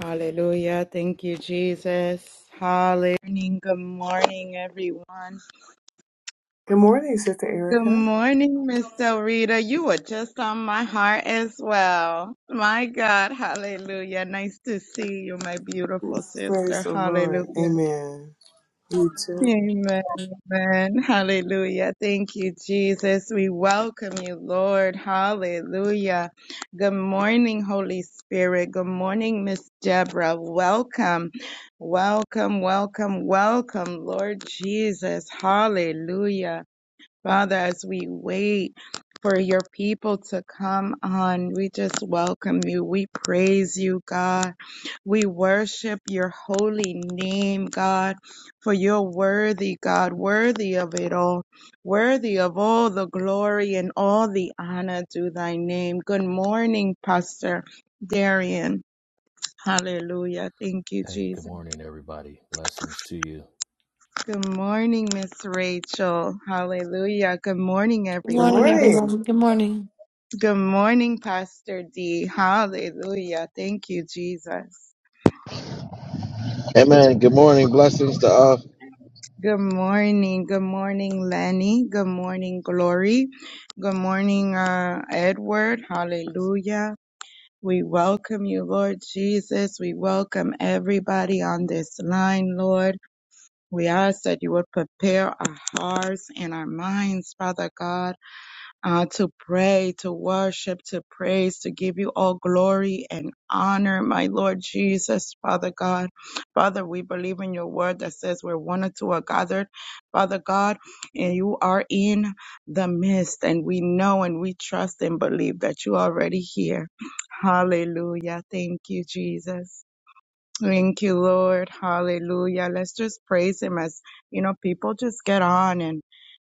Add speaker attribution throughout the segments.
Speaker 1: Hallelujah. Thank you, Jesus. Hallelujah. Good morning, everyone.
Speaker 2: Good morning, Sister
Speaker 1: Good
Speaker 2: Erica.
Speaker 1: morning, Miss Del Rita. You were just on my heart as well. My God. Hallelujah. Nice to see you, my beautiful
Speaker 2: Praise
Speaker 1: sister.
Speaker 2: the Lord.
Speaker 1: Hallelujah.
Speaker 2: Amen. You too.
Speaker 1: Amen. Amen. Hallelujah. Thank you, Jesus. We welcome you, Lord. Hallelujah. Good morning, Holy Spirit. Good morning, Miss Deborah. Welcome. Welcome, welcome, welcome, Lord Jesus. Hallelujah. Father, as we wait for your people to come on, we just welcome you. We praise you, God. We worship your holy name, God, for you're worthy, God, worthy of it all, worthy of all the glory and all the honor to thy name. Good morning, Pastor Darian. Hallelujah. Thank you, Jesus. Good morning, Miss Rachel. Hallelujah. Good morning,
Speaker 2: Good
Speaker 1: everyone.
Speaker 2: morning.
Speaker 1: Good morning, Pastor D. Hallelujah. Thank you, Jesus.
Speaker 3: Amen. Good morning. Blessings to all,
Speaker 1: Good morning. Good morning, Lenny. Good morning, Glory. Good morning, uh, Edward. Hallelujah. We welcome you, Lord Jesus. We welcome everybody on this line, Lord. We ask that you would prepare our hearts and our minds, Father God uh, to pray, to worship, to praise, to give you all glory and honor, my Lord Jesus, Father God. Father, we believe in your word that says where one or two are gathered, Father God, and you are in the midst, and we know and we trust and believe that you are already here. Hallelujah. Thank you, Jesus. Thank you, Lord. Hallelujah. Let's just praise him as, you know, people just get on and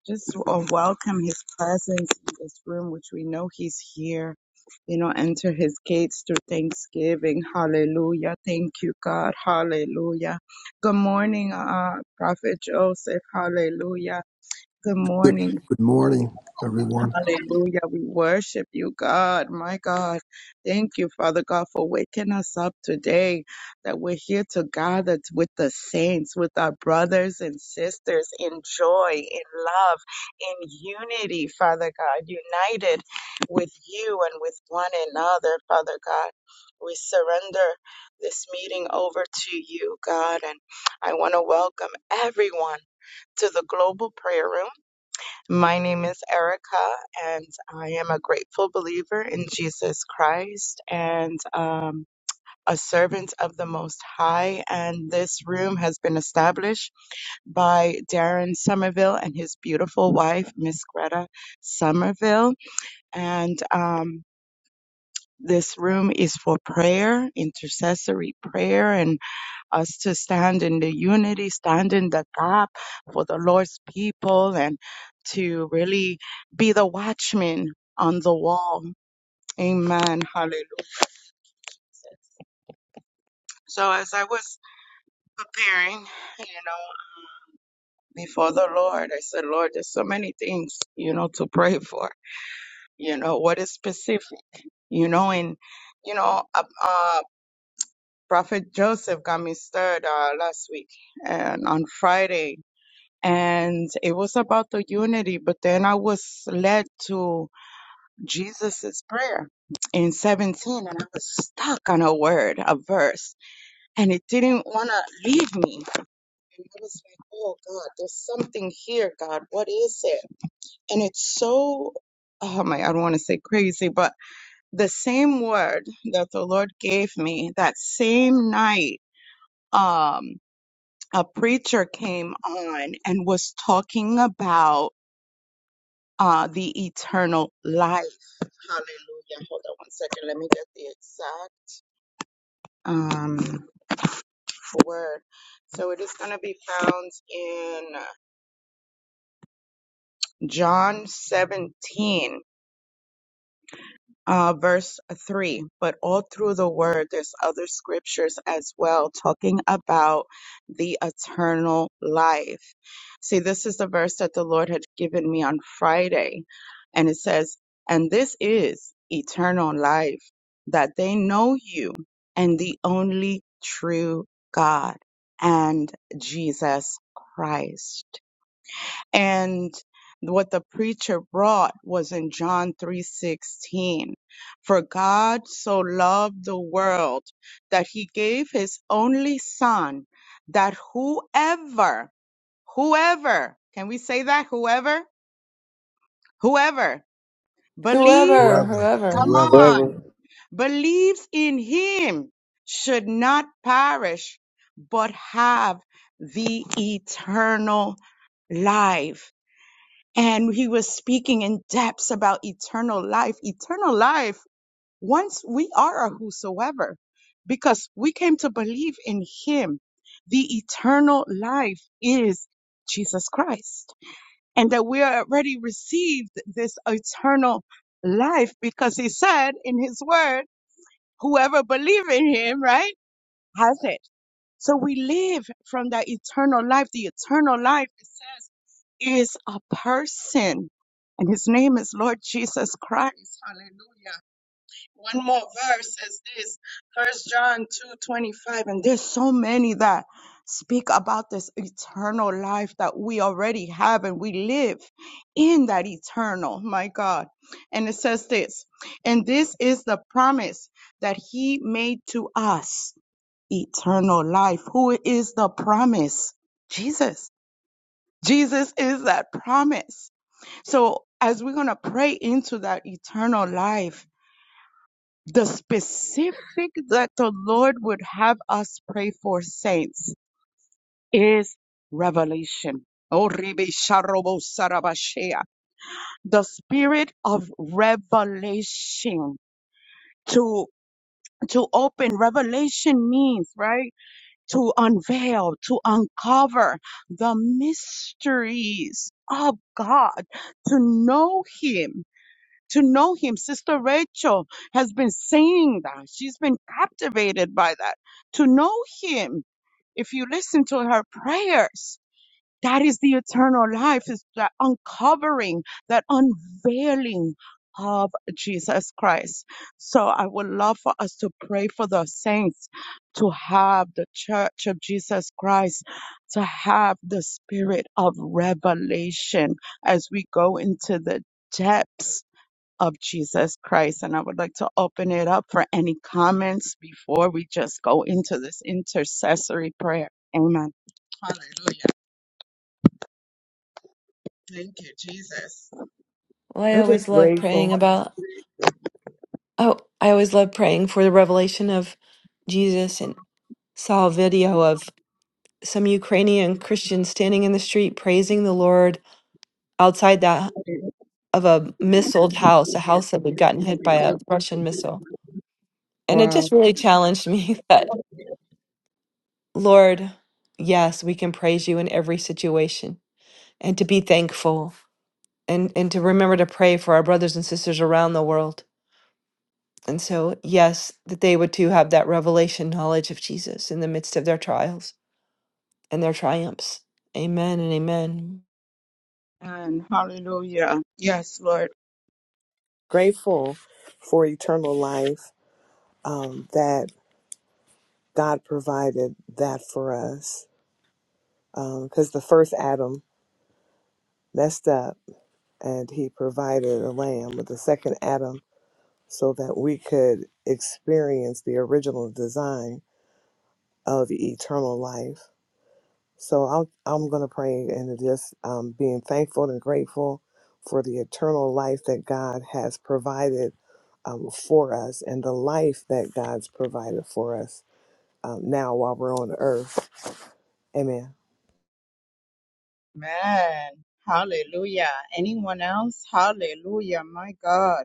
Speaker 1: just uh, welcome his presence in this room, which we know he's here. You know, enter his gates through thanksgiving. Hallelujah. Thank you, God. Hallelujah. Good morning, uh, Prophet Joseph. Hallelujah. Good
Speaker 4: Good,
Speaker 1: morning.
Speaker 4: good morning, everyone.
Speaker 1: Hallelujah. We worship you, God. My God. Thank you, Father God, for waking us up today, that we're here to gather t- with the saints, with our brothers and sisters in joy, in love, in unity, Father God, united with you and with one another, Father God. We surrender this meeting over to you, God. And I want to welcome everyone to the Global Prayer Room. My name is Erica, and I am a grateful believer in Jesus Christ and um, a servant of the Most High. And this room has been established by Darren Somerville and his beautiful wife, Miss Greta Somerville. And um, this room is for prayer, intercessory prayer, and us to stand in the unity, stand in the gap for the Lord's people, and to really be the watchman on the wall. Amen. Hallelujah. So as I was preparing, you know, before the Lord, I said, Lord, there's so many things, you know, to pray for. You know, what is specific? You know, and you know, uh, uh Prophet Joseph got me stirred uh, last week, and on Friday. and it was about the unity but then i was led to jesus's prayer in 17 and i was stuck on a word a verse and it didn't want to leave me and i was like oh god there's something here god what is it and it's so oh my i don't want to say crazy but the same word that the lord gave me that same night um a preacher came on and was talking about uh, the eternal life. Hallelujah. Hold on one second. Let me get the exact um, word. So it is going to be found in John 17. uh, verse 3, but all through the word, there's other scriptures as well talking about the eternal life. See, this is the verse that the Lord had given me on Friday, and it says, And this is eternal life, that they know you and the only true God and Jesus Christ. And what the preacher brought was in John 3:16. For God so loved the world that he gave his only son that whoever whoever can we say that whoever whoever believes
Speaker 4: Whoever,
Speaker 1: come
Speaker 4: whoever.
Speaker 1: on
Speaker 3: wherever.
Speaker 1: believes in him should not perish but have the eternal life and he was speaking in depths about eternal life. Eternal life, once we are a whosoever, because we came to believe in him. The eternal life is Jesus Christ, and that we already received this eternal life because he said in his word, whoever believes in him, right, has it. So we live from that eternal life. The eternal life, it says, is a person. And his name is Lord Jesus Christ. Hallelujah. One more verse is this. First John 2 25. And there's so many that speak about this eternal life that we already have and we live in that eternal. My God. And it says this. And this is the promise that he made to us eternal life. Who is the promise? Jesus. Jesus is that promise. So as we're going to pray into that eternal life, the specific that the Lord would have us pray for saints is revelation. Oh, Rebe Sharobo Sarabashea. The spirit of revelation to to open revelation means right to unveil, to uncover the mysteries of God, to know Him. To know him. Sister Rachel has been saying that. She's been captivated by that. To know him. If you listen to her prayers, that is the eternal life, is the uncovering, that unveiling of Jesus Christ. So I would love for us to pray for the saints to have the church of Jesus Christ, to have the spirit of revelation as we go into the depths of Jesus Christ. And I would like to open it up for any comments before we just go into this intercessory prayer. Amen. Hallelujah. Thank you, Jesus.
Speaker 5: Well, I
Speaker 2: I'm just
Speaker 5: always love praying
Speaker 2: grateful,
Speaker 5: about, oh, I always love praying for the revelation of Jesus and saw a video of some Ukrainian Christians standing in the street praising the Lord outside that of a missiled house, a house that had gotten hit by a Russian missile. And it
Speaker 1: Wow.
Speaker 5: just really challenged me that, Lord, yes, we can praise you in every situation and to be thankful and, and to remember to pray for our brothers and sisters around the world And so, yes, that they would too have that revelation knowledge of Jesus in the midst of their trials and their triumphs. Amen and amen.
Speaker 1: And hallelujah. Yes, Lord.
Speaker 2: grateful for eternal life um, that God provided that for us. Because the first Adam messed up and he provided a lamb with the second Adam so that we could experience the original design of eternal life. So I'm I'm gonna pray and just um, being thankful and grateful for the eternal life that God has provided um, for us and the life that God's provided for us um, now while we're on earth. Amen.
Speaker 1: Amen. Hallelujah. Anyone else? Hallelujah. My God.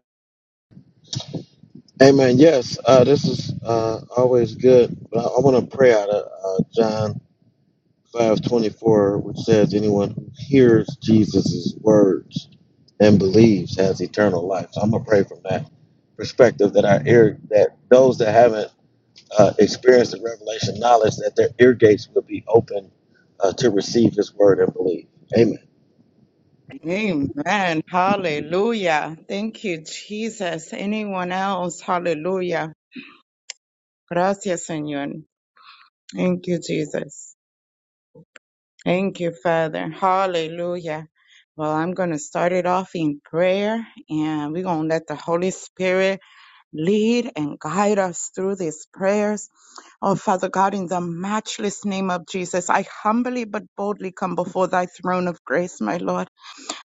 Speaker 3: Amen. Yes, uh, this is uh, always good. But I, I want to pray out of uh, John five twenty four, which says, Anyone who hears Jesus' words and believes has eternal life. So I'm going to pray from that perspective that our ear, that those that haven't uh, experienced the revelation knowledge, that their ear gates will be open uh, to receive his word and believe. Amen.
Speaker 1: Amen. Hallelujah. Thank you, Jesus. Anyone else? Hallelujah. Gracias, Señor. Thank you, Jesus. Thank you, Father. Hallelujah. Well, I'm going to start it off in prayer and we're going to let the Holy Spirit lead and guide us through these prayers. Oh, Father God, in the matchless name of Jesus, I humbly but boldly come before thy throne of grace, my Lord.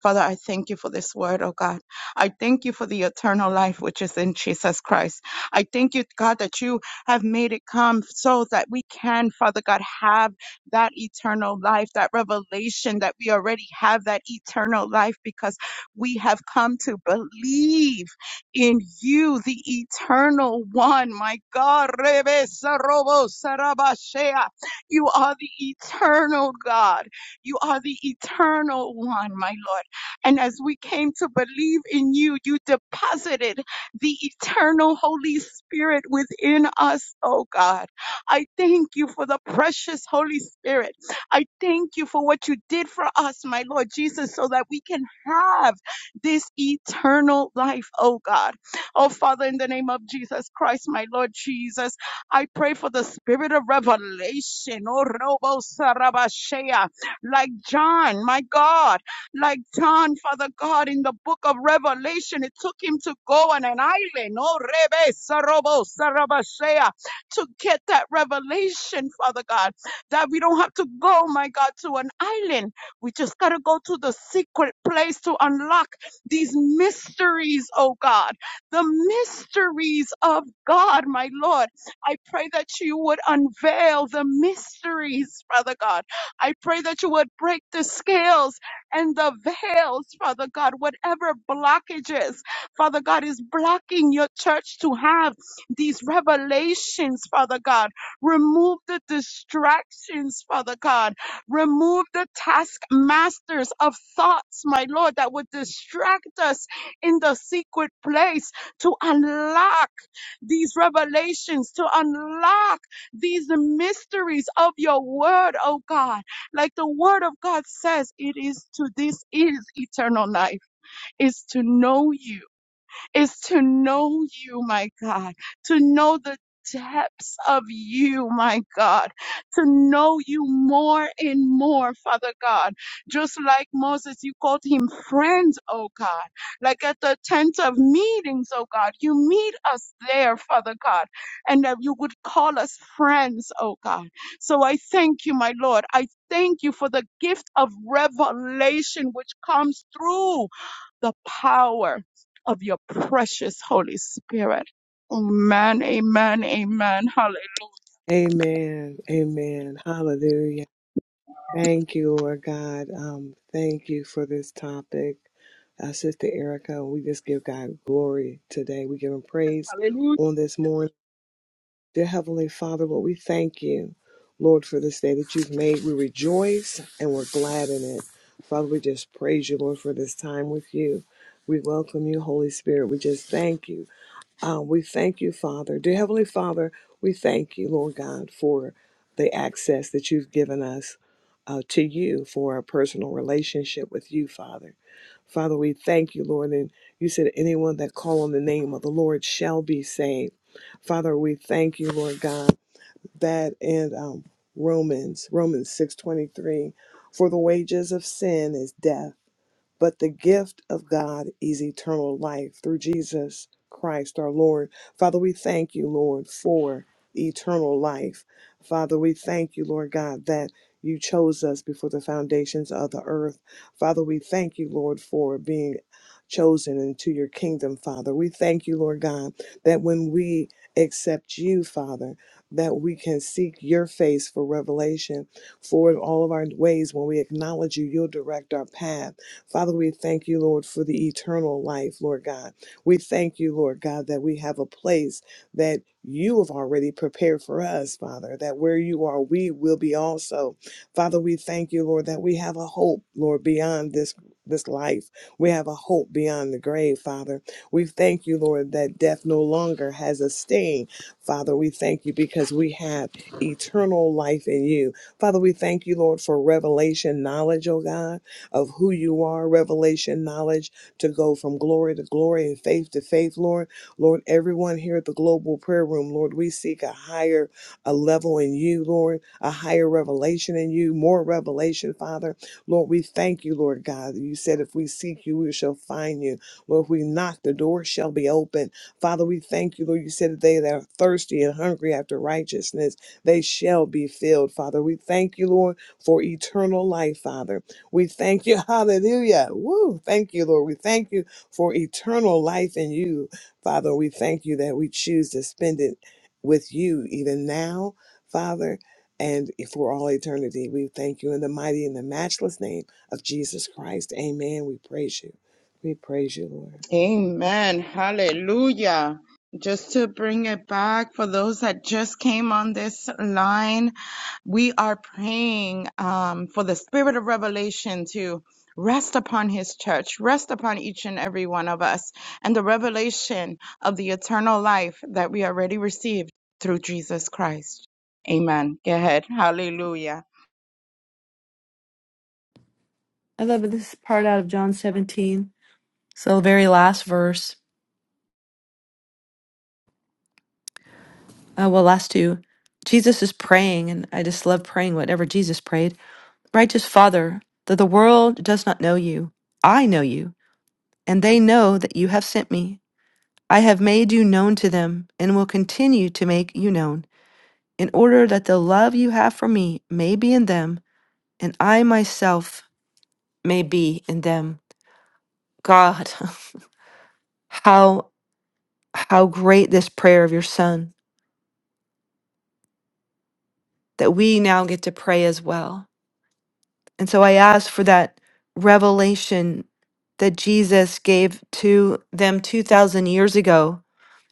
Speaker 1: Father, I thank you for this word, oh God. I thank you for the eternal life which is in Jesus Christ. I thank you, God, that you have made it come so that we can, Father God, have that eternal life, that revelation that we already have that eternal life because we have come to believe in you, the eternal one. My God, Rebe Sarobo Sarabashea. you are the eternal God. You are the eternal one, my Lord. And as we came to believe in you, you deposited the eternal Holy Spirit within us, oh God. I thank you for the precious Holy Spirit. I thank you for what you did for us, my Lord Jesus, so that we can have this eternal life, oh God. Oh Father, in the name of Jesus Christ, my Lord Jesus, I pray for the spirit of revelation, oh Robo Sarabashea, like John, my God. Like John, Father God, in the book of Revelation, it took him to go on an island, oh, Rebe Sarobo Sarabashea, to get that revelation, Father God, that we don't have to go, my God, to an island. We just got to go to the secret place to unlock these mysteries, oh God, the mysteries of God, my Lord. I pray that you would unveil the mysteries, Father God. I pray that you would break the scales and the veils, Father God, whatever blockages, Father God, is blocking your church to have these revelations, Father God. Remove the distractions, Father God. Remove the taskmasters of thoughts, my Lord, that would distract us in the secret place to unlock these revelations, to unlock these mysteries of your word, oh God. Like the word of God says, it is to this is eternal life, is to know you is to know you, my God, to know the depths of you, my God, to know you more and more, Father God. Just like Moses, you called him friends, oh God. Like at the tent of meetings, oh God, you meet us there, Father God, and that you would call us friends, oh God. So I thank you, my Lord. I thank you for the gift of revelation which comes through the power of your precious Holy Spirit. Amen, amen, amen. Hallelujah.
Speaker 2: Amen. Amen. Hallelujah. Thank you, Lord God. Um, thank you for this topic, uh, Sister Erica. We just give God glory today. We give Him praise
Speaker 1: Hallelujah.
Speaker 2: on this morning. Dear Heavenly Father, Lord, we thank you, Lord, for this day that you've made. We rejoice and we're glad in it. Father, we just praise you, Lord, for this time with you. We welcome you, Holy Spirit. We just thank you. Um, we thank you, Father. Dear Heavenly Father, we thank you, Lord God, for the access that you've given us uh, to you for a personal relationship with you, Father. Father, we thank you, Lord. And you said, anyone that call on the name of the Lord shall be saved. Father, we thank you, Lord God, that in um, Romans, Romans 6.23, for the wages of sin is death but the gift of God is eternal life through Jesus Christ our Lord. Father, we thank you, Lord, for eternal life. Father, we thank you, Lord God, that you chose us before the foundations of the earth. Father, we thank you, Lord, for being chosen into your kingdom, Father. We thank you, Lord God, that when we accept you, Father, that we can seek your face for revelation for all of our ways. When we acknowledge you, you'll direct our path. Father, we thank you, Lord, for the eternal life, Lord God. We thank you, Lord God, that we have a place that you have already prepared for us, Father, that where you are, we will be also. Father, we thank you, Lord, that we have a hope, Lord, beyond this this life. We have a hope beyond the grave, Father. We thank you, Lord, that death no longer has a sting. Father, we thank you because we have eternal life in you. Father, we thank you, Lord, for revelation knowledge, oh God of who you are, revelation, knowledge to go from glory to glory and faith to faith, Lord. Lord, everyone here at the Global Prayer Room, Lord, we seek a higher a level in you, Lord, a higher revelation in you, more revelation, Father. Lord, we thank you, Lord God. You said if we seek you, we shall find you. Lord, if we knock, the door shall be open. Father, we thank you, Lord. You said that they that are thirsty and hungry after righteousness, they shall be filled, Father. We thank you, Lord, for eternal life, Father. We thank you. Hallelujah. Woo. Thank you, Lord. We thank you for eternal life in you, Father. We thank you that we choose to spend it with you even now, Father, and for all eternity. We thank you in the mighty and the matchless name of Jesus Christ. Amen. We praise you. We praise you, Lord.
Speaker 1: Amen. Hallelujah. Just to bring it back for those that just came on this line, we are praying um, for the spirit of revelation to rest upon his church, rest upon each and every one of us, and the revelation of the eternal life that we already received through Jesus Christ. Amen. Go ahead. Hallelujah.
Speaker 5: I love this part out of John 17. So, the very last verse, uh, well, last two. Jesus is praying, and I just love praying whatever Jesus prayed. Righteous Father, that the world does not know you, I know you, and they know that you have sent me. I have made you known to them and will continue to make you known in order that the love you have for me may be in them and I myself may be in them. God, how how great this prayer of your son that we now get to pray as well. And so I ask for that revelation that Jesus gave to them 2000 years ago.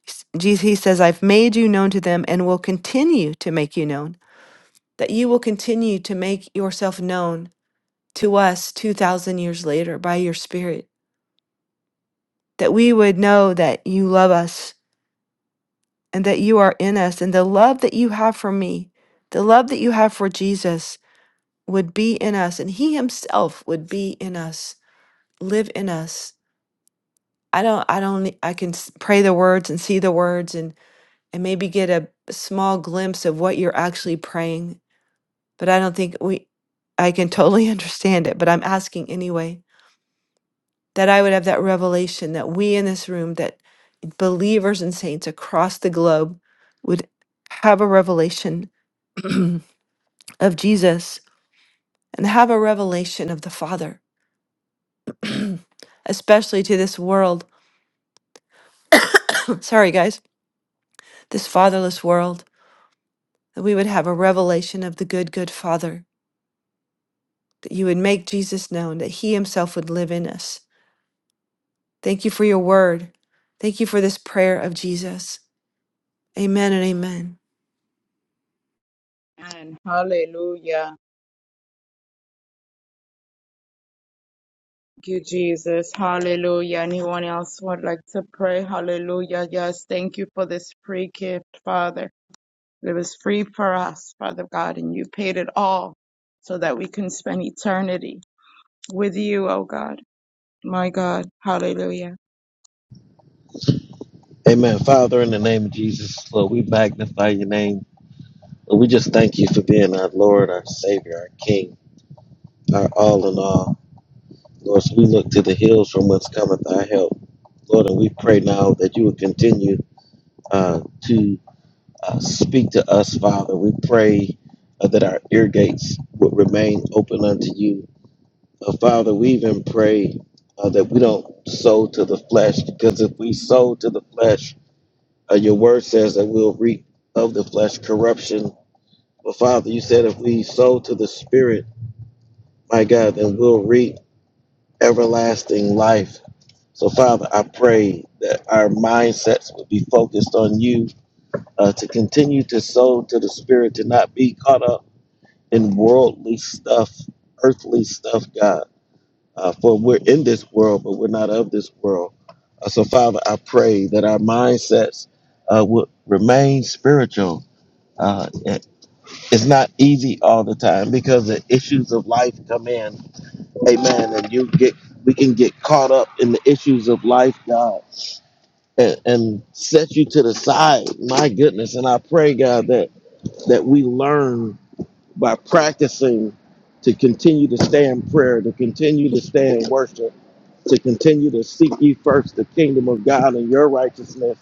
Speaker 5: S- Jesus he says, "I've made you known to them and will continue to make you known." That you will continue to make yourself known to us 2000 years later by your spirit. That we would know that you love us and that you are in us, and the love that you have for me, the love that you have for Jesus would be in us, and He Himself would be in us, live in us. I don't, I don't, I can s- pray the words and see the words and and maybe get a small glimpse of what you're actually praying, but I don't think we, I can totally understand it. But I'm asking anyway that I would have that revelation that we in this room, that believers and saints across the globe would have a revelation of Jesus and have a revelation of the Father, especially to this world. Sorry, guys, this fatherless world, that we would have a revelation of the good, good Father, that you would make Jesus known, that He Himself would live in us. Thank you for your word. Thank you for this prayer of Jesus. Amen and amen.
Speaker 1: And hallelujah. you, Jesus. Hallelujah. Anyone else would like to pray? Hallelujah. Yes, thank you for this free gift, Father. It was free for us, Father God, and you paid it all so that we can spend eternity with you, oh God. My God. Hallelujah.
Speaker 3: Amen. Father, in the name of Jesus, Lord, we magnify your name. We just thank you for being our Lord, our Savior, our King, our all in all. Lord, so we look to the hills from whence cometh our help. Lord, and we pray now that you would continue uh, to uh, speak to us, Father. We pray uh, that our ear gates would remain open unto you. Uh, Father, we even pray uh, that we don't sow to the flesh, because if we sow to the flesh, uh, your word says that we'll reap of the flesh corruption. But Father, you said if we sow to the Spirit, my God, and we'll reap everlasting life. So, Father, I pray that our mindsets will be focused on you, uh, to continue to sow to the Spirit, to not be caught up in worldly stuff, earthly stuff, God. Uh, for we're in this world, but we're not of this world. Uh, so, Father, I pray that our mindsets uh, would remain spiritual. Uh, it's not easy all the time because the issues of life come in Amen. And you get we can get caught up in the issues of life, God, and, and set you to the side. My goodness. And I pray, God, that that we learn by practicing to continue to stay in prayer, to continue to stay in worship, to continue to seek ye first the kingdom of God and your righteousness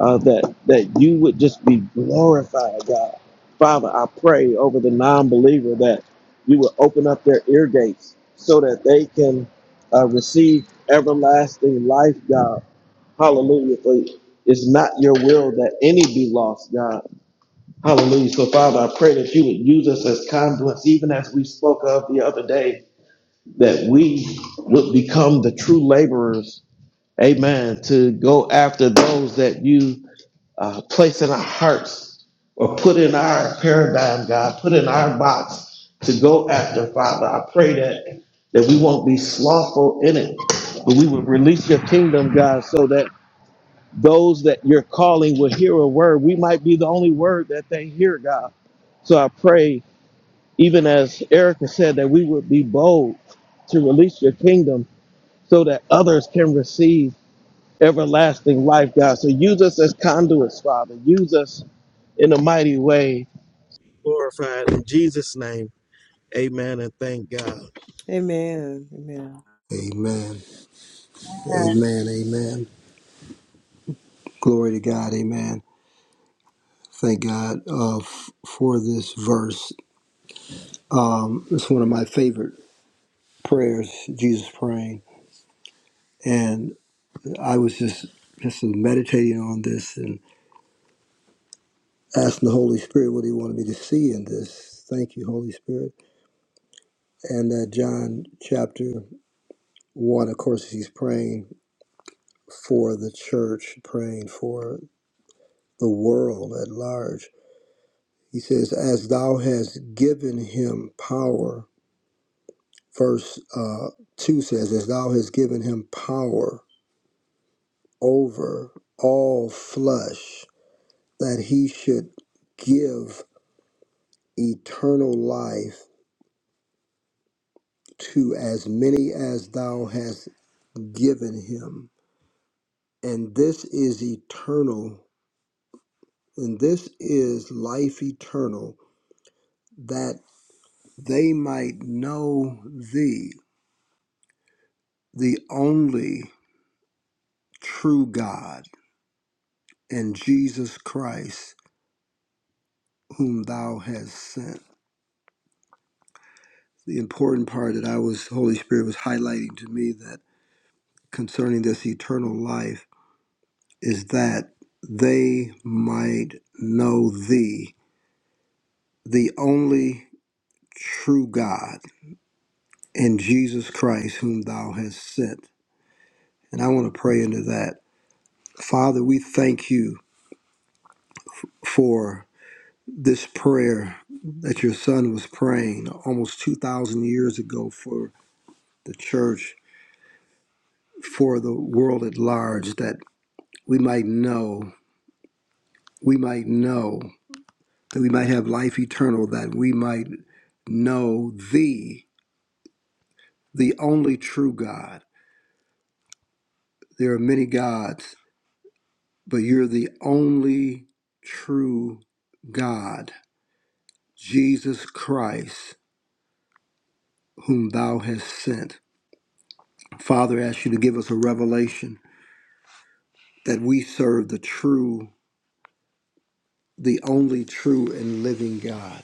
Speaker 3: uh, that that you would just be glorified, God. Father, I pray over the non-believer that you would open up their ear gates so that they can uh, receive everlasting life, God. Hallelujah. For it's not your will that any be lost, God. Hallelujah. So, Father, I pray that you would use us as conduits, even as we spoke of the other day, that we would become the true laborers, amen, to go after those that you uh, place in our hearts or put in our paradigm, God, put in our box to go after, Father. I pray that that we won't be slothful in it, but we would release your kingdom, God, so that those that you're calling will hear a word. We might be the only word that they hear, God. So I pray, even as Erica said, that we would be bold to release your kingdom so that others can receive everlasting life, God. So use us as conduits, Father. Use us in a mighty way, glorified in Jesus' name. Amen and thank God.
Speaker 2: Amen. Amen.
Speaker 4: Amen. Amen. Amen. Glory to God. Amen. Thank God uh, f- for this verse. Um, it's one of my favorite prayers, Jesus praying. And I was just just meditating on this and asking the Holy Spirit what He wanted me to see in this. Thank you, Holy Spirit. And uh, John chapter one, of course, he's praying for the church, praying for the world at large. He says, As thou hast given him power, verse uh, 2 says, As thou hast given him power over all flesh, that he should give eternal life to as many as thou hast given him. And this is eternal, and this is life eternal, that they might know thee, the only true God, and Jesus Christ, whom thou hast sent. The important part that I was, Holy Spirit was highlighting to me that concerning this eternal life is that they might know thee, the only true God, and Jesus Christ, whom thou hast sent. And I want to pray into that. Father, we thank you for this prayer that your son was praying almost 2,000 years ago for. the church for the world at large that we might know, we might know that we might have life eternal, that we might know thee, the only true God. There are many gods, but you're the only true God, Jesus Christ, whom thou hast sent. Father, I ask you to give us a revelation that we serve the true, the only true and living God.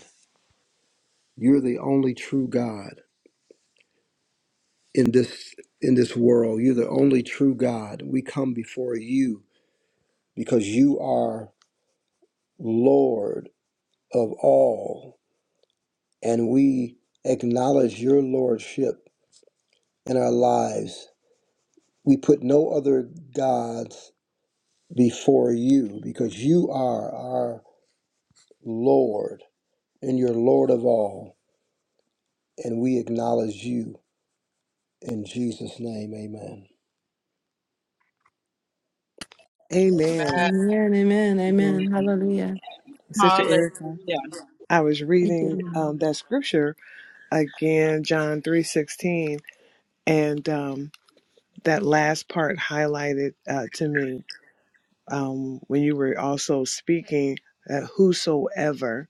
Speaker 4: You're the only true God. in this in this world. You're the only true God. We come before you because you are Lord of all, and we acknowledge your lordship in our lives. We put no other gods before you because you are our Lord and you're Lord of all, and we acknowledge you in Jesus' name. Amen.
Speaker 2: Amen.
Speaker 1: Amen.
Speaker 2: Sister
Speaker 1: Hallelujah.
Speaker 2: Erica, I was reading um, that scripture again, John three sixteen, and um, that last part highlighted uh, to me um, when you were also speaking that whosoever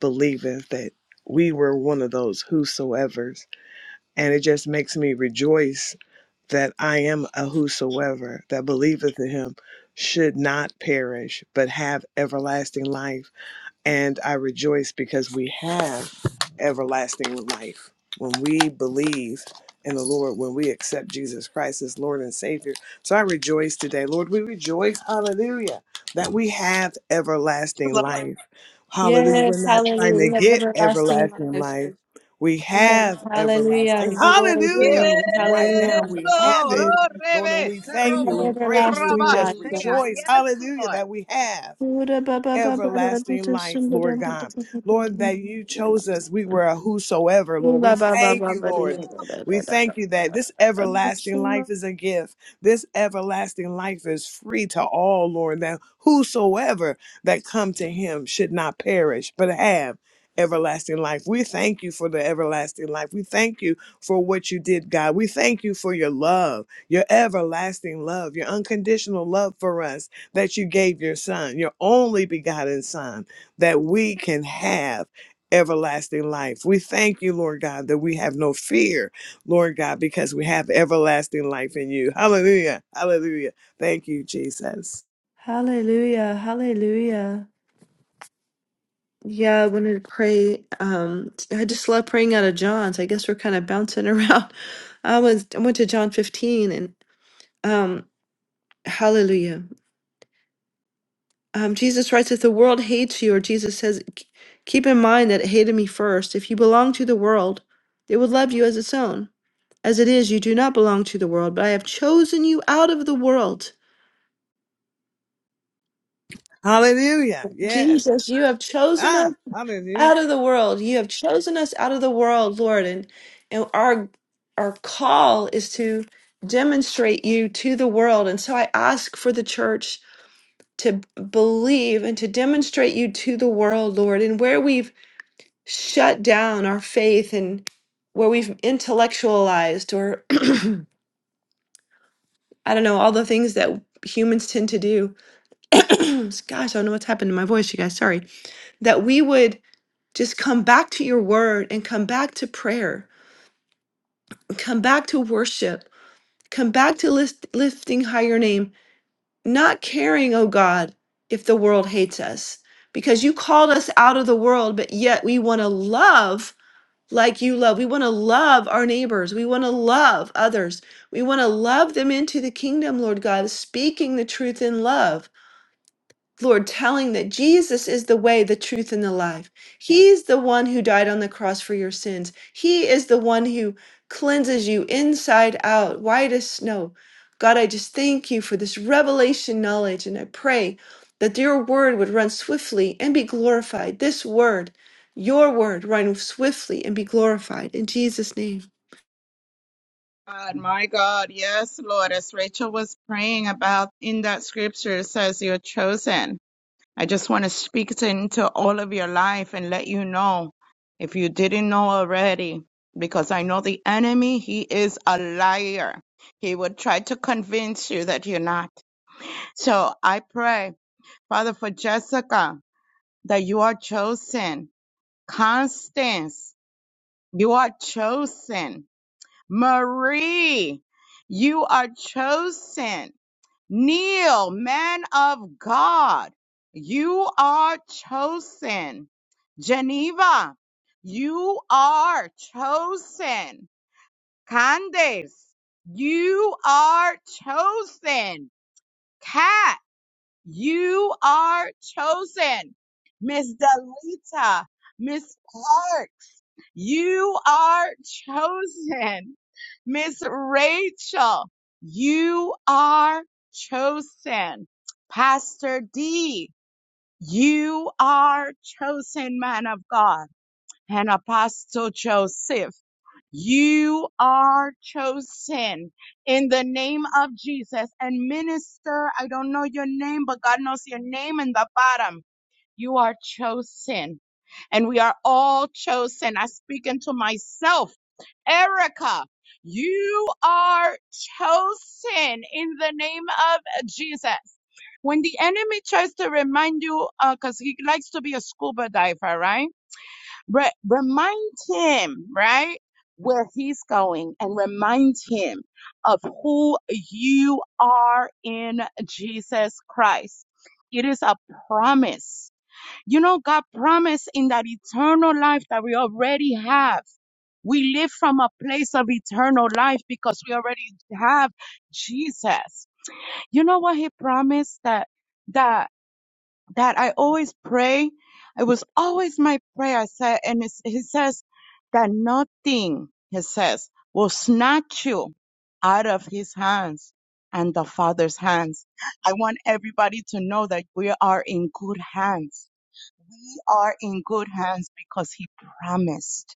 Speaker 2: believeth that we were one of those whosoevers and it just makes me rejoice that i am a whosoever that believeth in him should not perish but have everlasting life and I rejoice because we have everlasting life. When we believe in the Lord, when we accept Jesus Christ as Lord and Savior. So I rejoice today. Lord, we rejoice, hallelujah, that we have everlasting life. Hallelujah. We're not trying to get everlasting life. We have everlasting. Hallelujah. Right now we have it. Lord, and
Speaker 1: Yes,
Speaker 2: we thank you. We praise you. We just rejoice.
Speaker 1: Yes,
Speaker 2: Hallelujah
Speaker 1: Lord.
Speaker 2: that we have everlasting life, Lord God. Lord, that you chose us. We were a whosoever, Lord. We thank you, Lord. We thank you that this everlasting life is a gift. This everlasting life is free to all, Lord, that whosoever that come to him should not perish, but have everlasting life. We thank you for the everlasting life. We thank you for what you did, God. We thank you for your love, your everlasting love, your unconditional love for us that you gave your son, your only begotten son, that we can have everlasting life. We thank you, Lord God, that we have no fear, Lord God, because we have everlasting life in you. Hallelujah. Hallelujah. Thank you, Jesus.
Speaker 5: Hallelujah. Hallelujah. Yeah, I wanted to pray. Um, I just love praying out of John's. I guess we're kind of bouncing around. I was I went to John 15 and Hallelujah. Um, Jesus writes, if the world hates you, or Jesus says, "K- keep in mind that it hated me first. If you belong to the world, it would love you as its own. As it is, you do not belong to the world, but I have chosen you out of the world.
Speaker 2: Hallelujah. Yes.
Speaker 5: Jesus, you have chosen us
Speaker 2: Ah, hallelujah.
Speaker 5: out of the world. You have chosen us out of the world, Lord. And, and our our call is to demonstrate you to the world. And so I ask for the church to believe and to demonstrate you to the world, Lord. And where we've shut down our faith and where we've intellectualized or I don't know, all the things that humans tend to do. Gosh, I don't know what's happened to my voice, you guys. Sorry. That we would just come back to your word and come back to prayer, come back to worship, come back to list, lifting high your name, not caring, oh God, if the world hates us. Because you called us out of the world, but yet we want to love like you love. We want to love our neighbors. We want to love others. We want to love them into the kingdom, Lord God, speaking the truth in love. Lord, telling that Jesus is the way, the truth, and the life. He's the one who died on the cross for your sins. He is the one who cleanses you inside out, white as snow. God, I just thank you for this revelation knowledge, and I pray that your word would run swiftly and be glorified. This word, your word, run swiftly and be glorified. In Jesus' name.
Speaker 1: God, my God, yes, Lord, as Rachel was praying about in that scripture, it says you're chosen. I just want to speak to- into all of your life and let you know if you didn't know already, because I know the enemy, he is a liar. He would try to convince you that you're not. So I pray, Father, for Jessica, that you are chosen. Constance, you are chosen. Marie, you are chosen. Kneel, man of God, you are chosen. Geneva, you are chosen. Candace, you are chosen. Kat, you are chosen. Miss Delita, Miss Park. You are chosen. Miss Rachel, you are chosen. Pastor D, you are chosen man of God. And Apostle Joseph, you are chosen in the name of Jesus. And minister, I don't know your name, but God knows your name in the bottom. You are chosen and we are all chosen. I speak into myself. Erica, you are chosen in the name of Jesus. When the enemy tries to remind you, because he likes to be a scuba diver, right? Re- remind him, right, where he's going and remind him of who you are in Jesus Christ. It is a promise you know, God promised in that eternal life that we already have. We live from a place of eternal life because we already have Jesus. You know what he promised that that that I always pray. It was always my prayer. I said, and it's, he says that nothing, he says, will snatch you out of his hands and the Father's hands. I want everybody to know that we are in good hands we are in good hands because he promised.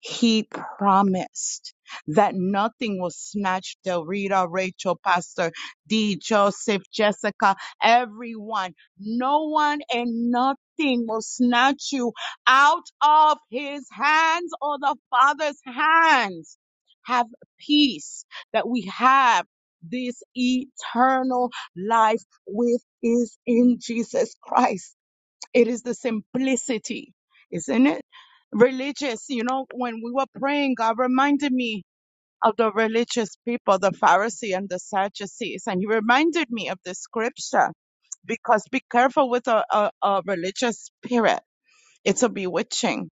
Speaker 1: He promised that nothing was snatched. Del Rita, Rachel, Pastor D, Joseph, Jessica, everyone. No one and nothing will snatch you out of his hands or the Father's hands. Have peace that we have this eternal life which is in Jesus Christ. It is the simplicity, isn't it? Religious, you know, when we were praying, God reminded me of the religious people, the Pharisees and the Sadducees, and He reminded me of the scripture because be careful with a, a, a religious spirit; it's a bewitching.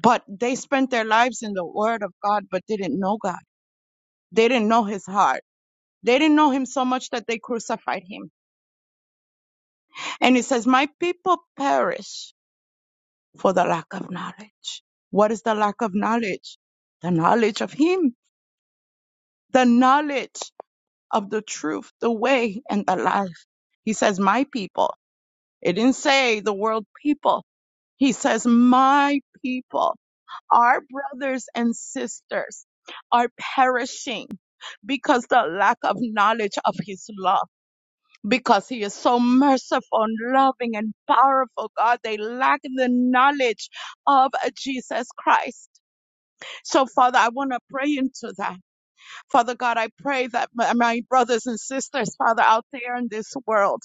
Speaker 1: But they spent their lives in the Word of God, but didn't know God. They didn't know His heart. They didn't know Him so much that they crucified Him. And it says, "My people perish." for the lack of knowledge. What is the lack of knowledge? The knowledge of Him, the knowledge of the truth, the way, and the life. He says, My people. It didn't say the world people. He says, My people, our brothers and sisters are perishing because the lack of knowledge of His love, because He is so merciful and loving and powerful, God. They lack the knowledge of Jesus Christ. So, Father, I want to pray into that. Father God, I pray that my my brothers and sisters, Father, out there in this world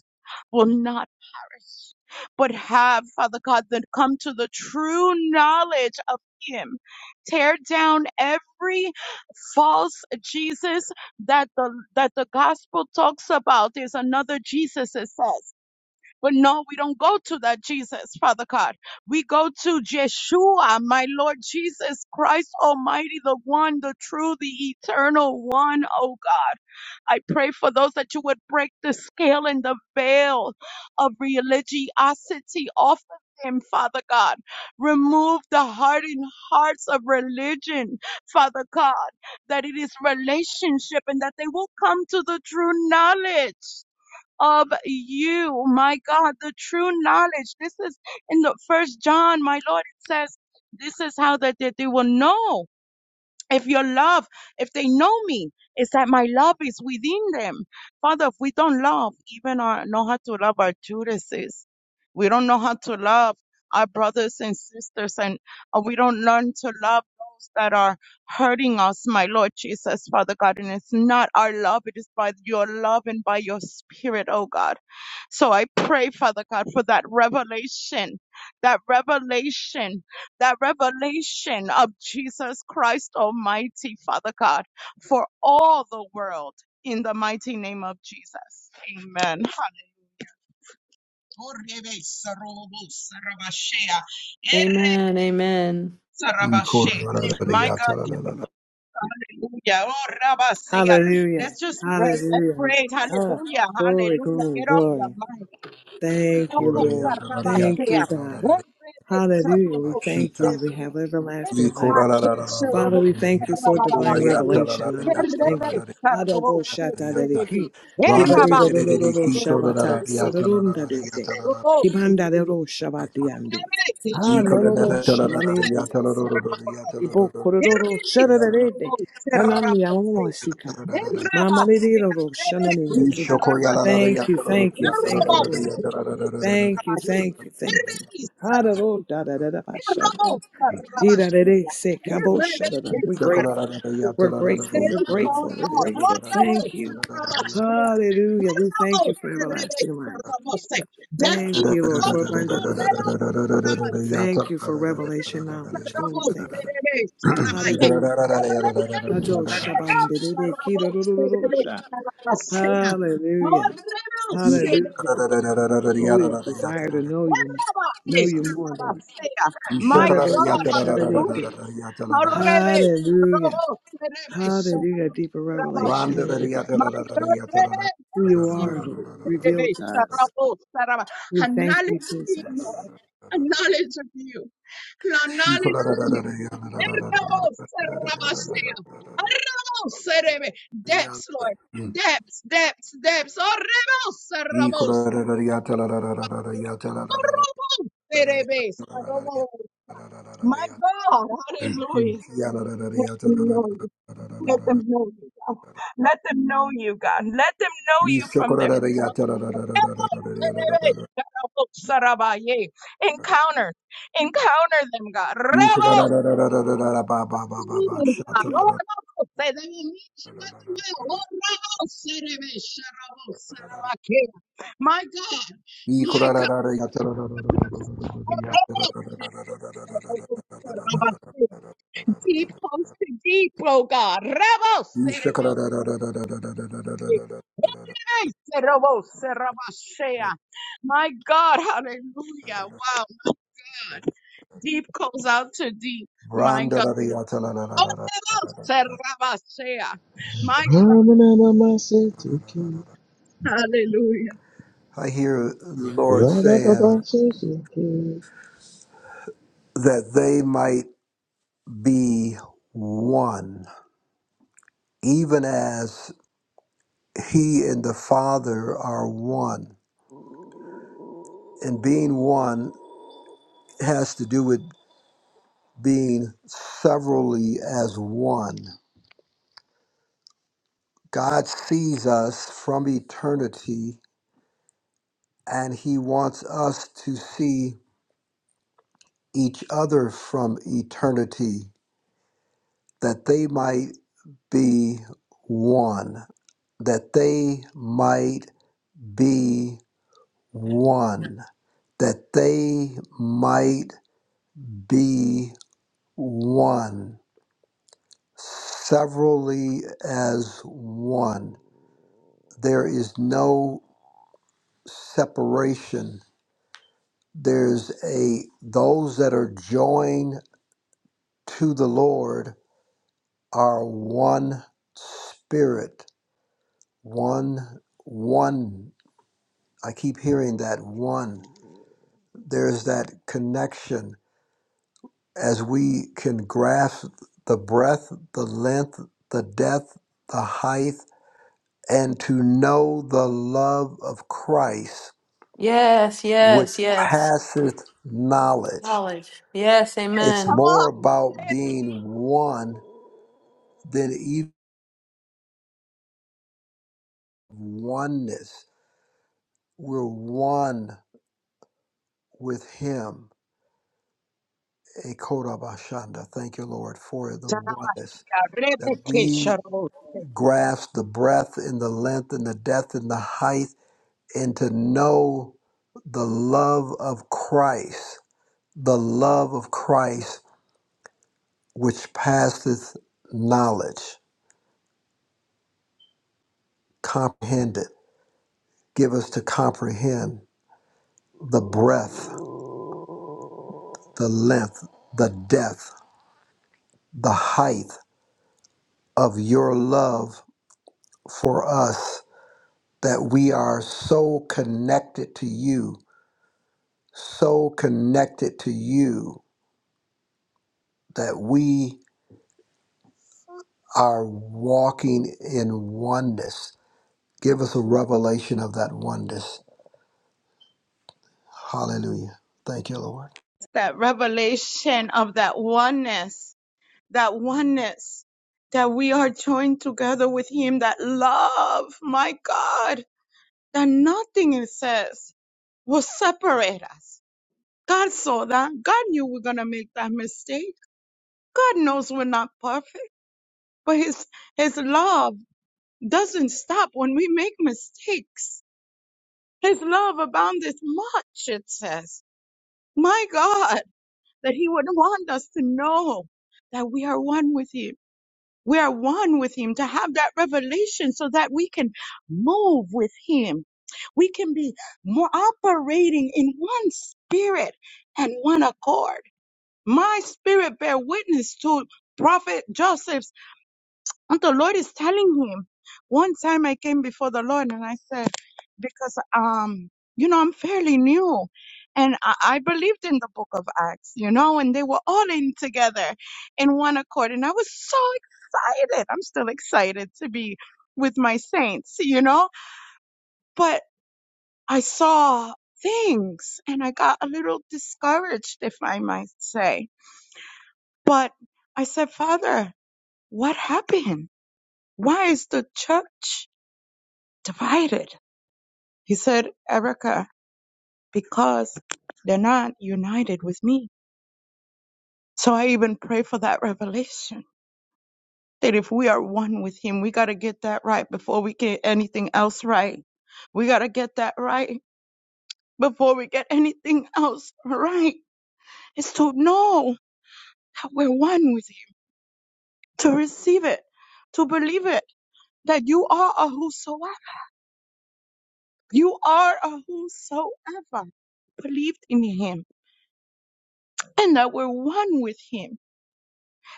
Speaker 1: will not perish, but have, Father God, that come to the true knowledge of Him. Tear down every false Jesus that the that the gospel talks about. There's another Jesus, it says. But no, we don't go to that Jesus, Father God. We go to Yeshua, my Lord Jesus Christ Almighty, the one, the true, the eternal one, oh God. I pray for those that you would break the scale and the veil of religiosity off of them, Father God. Remove the hardened hearts of religion, Father God, that it is relationship and that they will come to the true knowledge of you. My God, the true knowledge. This is in the first John, my Lord, it says, this is how that, that they will know if your love, if they know me, is that my love is within them. Father, if we don't love, even our, know how to love our Judases, we don't know how to love our brothers and sisters, and uh, we don't learn to love those that are hurting us, my Lord Jesus, Father God. And it's not our love, it is by your love and by your spirit, oh God. So I pray, Father God, for that revelation, that revelation that revelation of Jesus Christ Almighty, Father God, for all the world in the mighty name of Jesus. Amen. My God, Hallelujah. Oh, Rabba, say it.
Speaker 2: Hallelujah.
Speaker 1: Let's just pray. Let's
Speaker 2: Hallelujah.
Speaker 1: praise.
Speaker 2: Ah,
Speaker 1: Hallelujah.
Speaker 2: glory,
Speaker 1: Hallelujah.
Speaker 2: glory,
Speaker 1: Get off your
Speaker 2: glory.
Speaker 1: mind.
Speaker 2: Thank you, Lord. Thank you, God. Hallelujah. We thank
Speaker 4: Babashita,
Speaker 2: you. We have everlasting life.
Speaker 4: Nicola,
Speaker 2: Father, we thank you for divine revelation knowledge. Thank you. Adabo shata dadiki. Kibari dororo shabata. Sararun dadite. Kibanda dero shabati andi. Ah, no, no, no, shamani. Ibo kororo shararede. Hanani yamasika. Mama dero shanani yaki. Thank you, thank you, thank you, Lord. Thank you, thank you, thank you. Hadaro da da da da Irarerese kaboshadada. We're grateful.
Speaker 4: Brand
Speaker 2: We're grateful. We're grateful. We're grateful. Thank you. Hallelujah. We thank you for everlasting life.
Speaker 1: Death
Speaker 2: Thank
Speaker 1: is
Speaker 2: you, Lord, for
Speaker 1: open on
Speaker 2: abundant
Speaker 1: Ramos.
Speaker 2: life.
Speaker 1: Ramasea.
Speaker 2: Thank you for revelation knowledge. Lord, we thank you. Hallelujah. Hadoshabandededekidodododoshah. Hallelujah. Hallelujah. Lord, we
Speaker 1: Revelation.
Speaker 2: desire to know you, know you more, Lord.
Speaker 1: My God,
Speaker 2: Hallelujah.
Speaker 1: hallelujah. Arrebe,
Speaker 2: Hallelujah.
Speaker 1: robo, serebe, sharabo,
Speaker 2: Hallelujah. Deeper
Speaker 1: sirababa.
Speaker 2: revelation in
Speaker 1: My God, rebe,
Speaker 2: who you are,
Speaker 1: sharabo,
Speaker 2: Lord,
Speaker 1: serebe,
Speaker 2: revealed to us.
Speaker 1: sharabo, saraba.
Speaker 2: We
Speaker 1: A
Speaker 2: thank you,
Speaker 1: knowledge of you,
Speaker 2: Jesus.
Speaker 1: Lord. A knowledge of you. A
Speaker 4: Yala
Speaker 1: knowledge of you. Errabo, saraba, sea. Arrabo, serebe. Depths, Lord. Depths, depths, depths. Arrebo, sarabo. My God, hallelujah. Let them know you. Let them know you, God. Let them know you, God. Let them know you from their encounter. Encounter them, God. Rebels. God. Oh, Rebels. They they will meet you at the well. Oh, Rebels. Serebe, Sharabo, Sarabakea. My God.
Speaker 4: I hear
Speaker 1: My God. Deep holes to deep, oh God. My God, hallelujah. Wow, God. Deep calls out to deep. My God. My hallelujah.
Speaker 4: the Lord saying that they might be one, even as He and the Father are one. And being one has to do with being severally as one. God sees us from eternity and he wants us to see each other from eternity that they might be one, that they might be one, that they might be one, severally as one. There is no separation. There's a those that are joined to the Lord are one spirit, one one. I keep hearing that one. There's that connection as we can grasp the breadth, the length, the depth, the height, and to know the love of Christ which passeth knowledge It's
Speaker 1: Come on.
Speaker 4: more about being one than even oneness. We're one with Him. Ekodabashanda. Thank you, Lord, for the oneness that we grasp the breadth and the length and the depth and the height, and to know the love of Christ, the love of Christ which passeth knowledge. Comprehend it. Give us to comprehend the breadth the length, the depth, the height of your love for us that we are so connected to you, so connected to you that we are walking in oneness. Give us a revelation of that oneness. Hallelujah. Thank you, Lord.
Speaker 1: That revelation of that oneness. that oneness that we are joined together with him that love my god that nothing it says will separate us god saw that god knew we're gonna make that mistake god knows we're not perfect but his his love doesn't stop when we make mistakes his love aboundeth much it says my god that he would want us to know that we are one with him We are one with Him to have that revelation so that we can move with Him. We can be more operating in one spirit and one accord. My spirit bear witness to Prophet Joseph's and the Lord is telling him. One time I came before the Lord and I said, because um, you know, I'm fairly new. And I, I believed in the book of Acts, you know, and they were all in together in one accord. And I was so excited. I'm still excited to be with my saints, you know, but I saw things and I got a little discouraged, if I might say. But I said, Father, what happened? Why is the church divided. He said, Erica, because they're not united with me. So I even pray for that revelation that if we are one with Him, we got to get that right before we get anything else right. We got to get that right before we get anything else right. It's to know that we're one with Him, to receive it, to believe it, that you are a whosoever. You are a whosoever believed in Him and that we're one with Him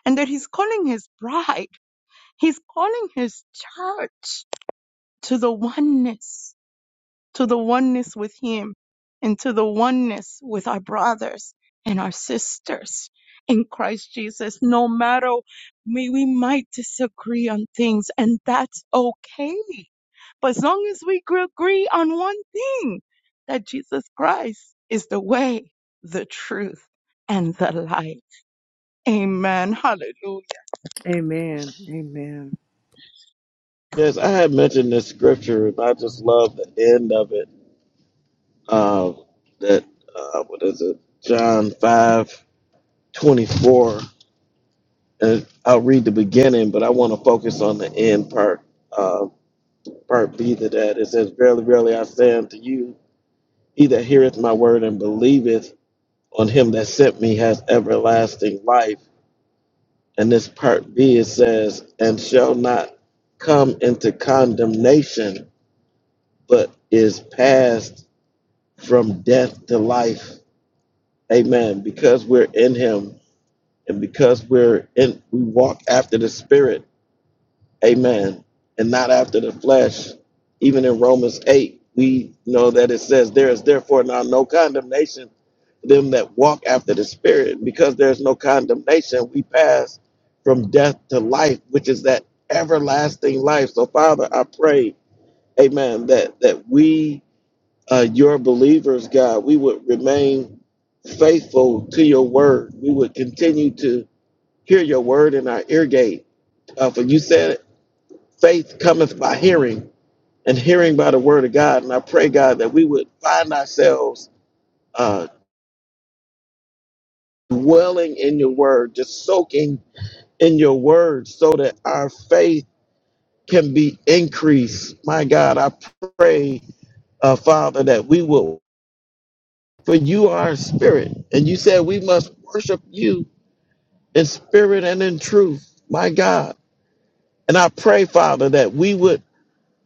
Speaker 1: and that he's calling his bride, he's calling his church to the oneness, to the oneness with him and to the oneness with our brothers and our sisters in Christ Jesus. No matter may we might disagree on things and that's okay. But as long as we agree on one thing, that Jesus Christ is the way, the truth, and the light. Amen. Hallelujah.
Speaker 2: Amen. Amen.
Speaker 3: Yes, I had mentioned this scripture, and I just love the end of it. Um, that uh, what is it? John five twenty four. And I'll read the beginning, but I want to focus on the end part. Uh, part B to that it says, "Verily, verily, I say unto you, he that heareth my word and believeth." on him that sent me has everlasting life. And this part B it says, and shall not come into condemnation, but is passed from death to life. Amen. Because we're in him and because we're in we walk after the spirit Amen. And not after the flesh. Even in Romans 8, we know that it says, There is therefore now no condemnation to them that walk after the Spirit. Because there's no condemnation, we pass from death to life, which is that everlasting life. So, Father, I pray, amen, that, that we, uh, your believers, God, we would remain faithful to your word. We would continue to hear your word in our ear gate. Uh, for you said faith cometh by hearing, and hearing by the word of God. And I pray, God, that we would find ourselves uh, dwelling in your word, just soaking in your word, so that our faith can be increased. My God, I pray, uh, Father, that we will, for you are a spirit, and you said we must worship you in spirit and in truth. My God. And I pray, Father, that we would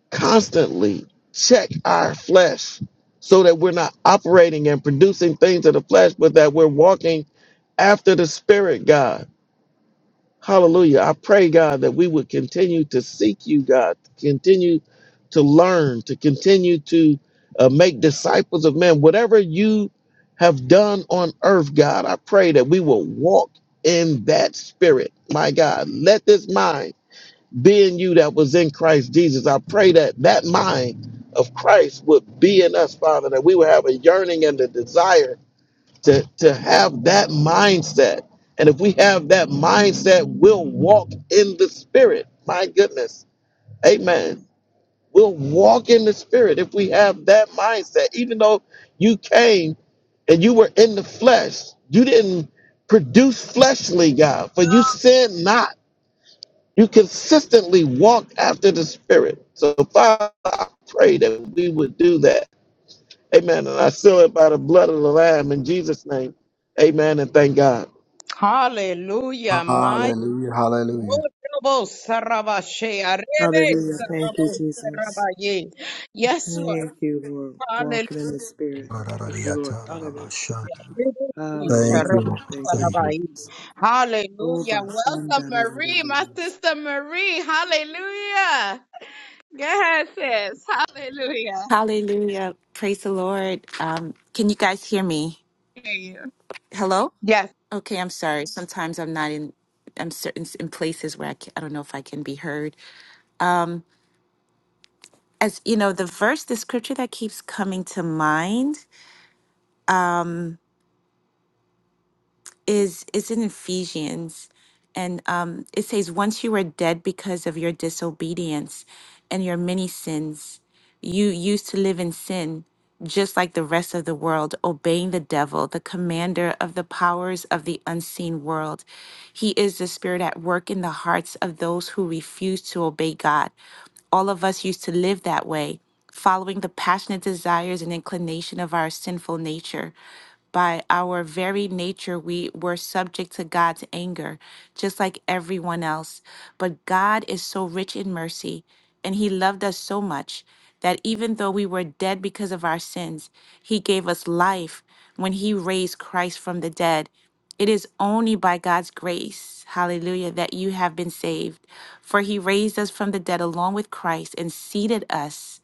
Speaker 3: constantly check our flesh so that we're not operating and producing things of the flesh, but that we're walking after the Spirit, God. Hallelujah. I pray, God, that we would continue to seek you, God, continue to learn, to continue to uh, make disciples of men. Whatever you have done on earth, God, I pray that we will walk in that Spirit, my God. Let this mind being you that was in Christ Jesus. I pray that that mind of Christ would be in us, Father, that we would have a yearning and a desire to, to have that mindset. And if we have that mindset, we'll walk in the Spirit. My goodness. Amen. We'll walk in the Spirit if we have that mindset. Even though you came and you were in the flesh, you didn't produce fleshly, God, for you sinned not you consistently walk after the Spirit. So, Father, I pray that we would do that. Amen. And I seal it by the blood of the Lamb in Jesus' name. Amen. And thank God.
Speaker 1: Hallelujah. My God.
Speaker 4: Hallelujah. Hallelujah.
Speaker 1: Rabo Sarabashe, arebe,
Speaker 2: Hallelujah. Thank you,
Speaker 1: sarabo,
Speaker 2: Jesus.
Speaker 1: sarabaye. Yes, Lord.
Speaker 2: Thank you, Lord.
Speaker 1: Hallelujah.
Speaker 2: Walking in the Spirit. Thank you, Lord. Hallelujah.
Speaker 4: Thank you,
Speaker 2: Hallelujah.
Speaker 4: Lord.
Speaker 2: Thank you,
Speaker 4: Thank
Speaker 2: Jesus.
Speaker 4: you.
Speaker 2: Oh,
Speaker 1: Hallelujah. Welcome,
Speaker 2: basanda da da da
Speaker 1: Marie,
Speaker 2: da
Speaker 1: my
Speaker 2: da.
Speaker 1: sister Marie. Hallelujah. Yes, yes. Hallelujah.
Speaker 6: Hallelujah. Praise the Lord. Um, can you guys hear me?
Speaker 1: Hear you.
Speaker 6: Hello?
Speaker 1: Yes.
Speaker 6: Okay, I'm sorry. Sometimes I'm not in I'm certain in places where I, can, I don't know if I can be heard. As you know, the verse, the scripture that keeps coming to mind is is in Ephesians, and um, it says, "Once you were dead because of your disobedience and your many sins, you used to live in sin." Just like the rest of the world, obeying the devil, the commander of the powers of the unseen world. He is the spirit at work in the hearts of those who refuse to obey God. All of us used to live that way following the passionate desires and inclination of our sinful nature. By our very nature, we were subject to God's anger, just like everyone else. But God is so rich in mercy, and He loved us so much that even though we were dead because of our sins, He gave us life when He raised Christ from the dead. It is only by God's grace, hallelujah, that you have been saved. For he raised us from the dead along with Christ and seated us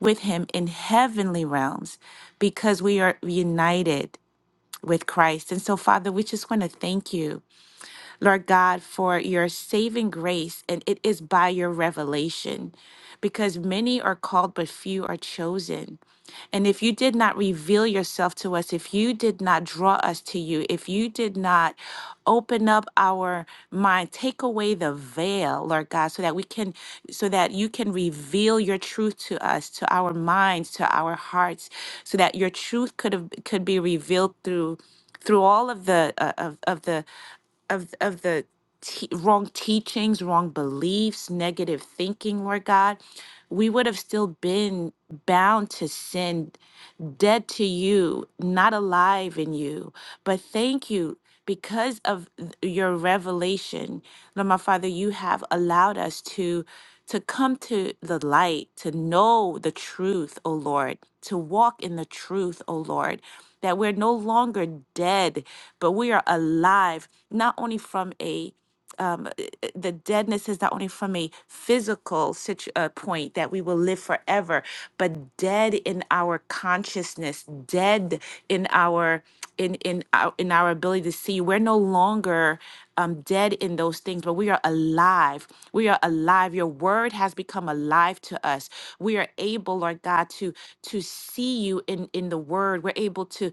Speaker 6: with him in heavenly realms because we are united with Christ. And so, Father, we just want to thank you Lord God, for your saving grace, and it is by your revelation, because many are called, but few are chosen. And if you did not reveal yourself to us, if you did not draw us to you, if you did not open up our mind, take away the veil, Lord God, so that we can, so that you can reveal your truth to us, to our minds, to our hearts, so that your truth could have could be revealed through through all of the uh, of, of the of of the te- wrong teachings, wrong beliefs, negative thinking, Lord God, we would have still been bound to sin dead to you, not alive in you. But thank you because of th- your revelation, Lord my Father, you have allowed us to to come to the light, to know the truth, O Lord, to walk in the truth, O Lord, that we're no longer dead, but we are alive, not only from a um, uh, uh, the deadness is not only from a physical situ- uh, point that we will live forever, but dead in our consciousness, dead in our in in our, in our ability to see. We're no longer um, dead in those things, but we are alive. We are alive. Your word has become alive to us. We are able, Lord God, to to see you in in the word. We're able to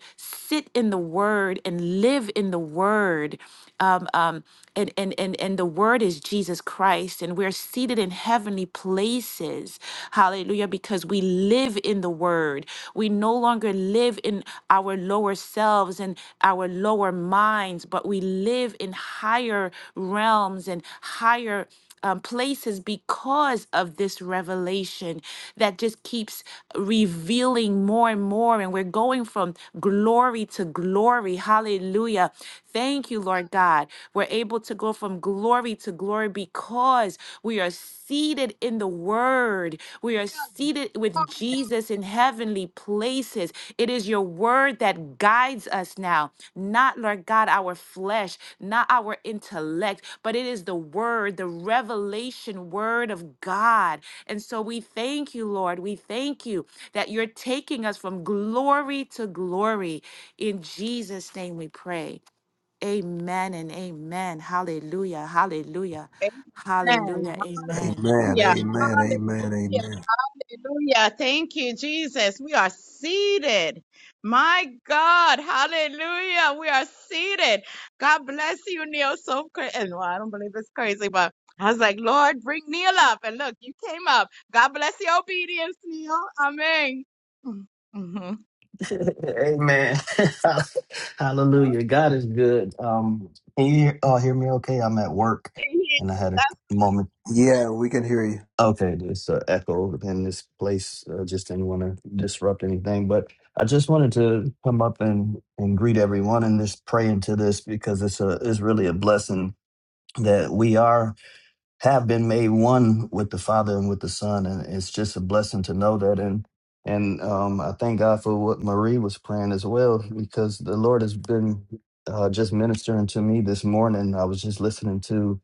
Speaker 6: sit in the word and live in the word. Um, um, um, and, and, and, and the word is Jesus Christ, and we're seated in heavenly places. Hallelujah, because we live in the word. We no longer live in our lower selves and our lower minds, but we live in higher realms and higher um, places because of this revelation that just keeps revealing more and more. And we're going from glory to glory. Hallelujah. Thank you, Lord God. We're able to go from glory to glory because we are seated in the word. We are seated with Jesus in heavenly places. It is your word that guides us now, not, Lord God, our flesh, not our intellect, but it is the word, the revelation word of God. And so we thank you, Lord. We thank you that you're taking us from glory to glory. In Jesus' name we pray. Amen and amen. Hallelujah. Hallelujah.
Speaker 1: Amen.
Speaker 6: Hallelujah. Amen.
Speaker 4: Amen.
Speaker 1: Hallelujah.
Speaker 4: Amen. Amen. Amen.
Speaker 1: Hallelujah. Thank you, Jesus. We are seated. My God. Hallelujah. We are seated. God bless you, Neil. So crazy. And well, I don't believe it's crazy, but I was like, Lord, bring Neil up. And look, you came up. God bless your obedience, Neil. Amen. Mm-hmm.
Speaker 7: Amen. Hallelujah. God is good. Um, can you all hear me okay? I'm at work and I had a
Speaker 1: That's
Speaker 7: moment.
Speaker 4: Yeah, we can hear you.
Speaker 7: Okay, this uh, echo in this place. uh, just didn't want to disrupt anything, but I just wanted to come up and, and greet everyone and just pray into this because it's a it's really a blessing that we are have been made one with the Father and with the Son, and it's just a blessing to know that. And and um, I thank God for what Marie was praying as well, because the Lord has been uh, just ministering to me this morning. I was just listening to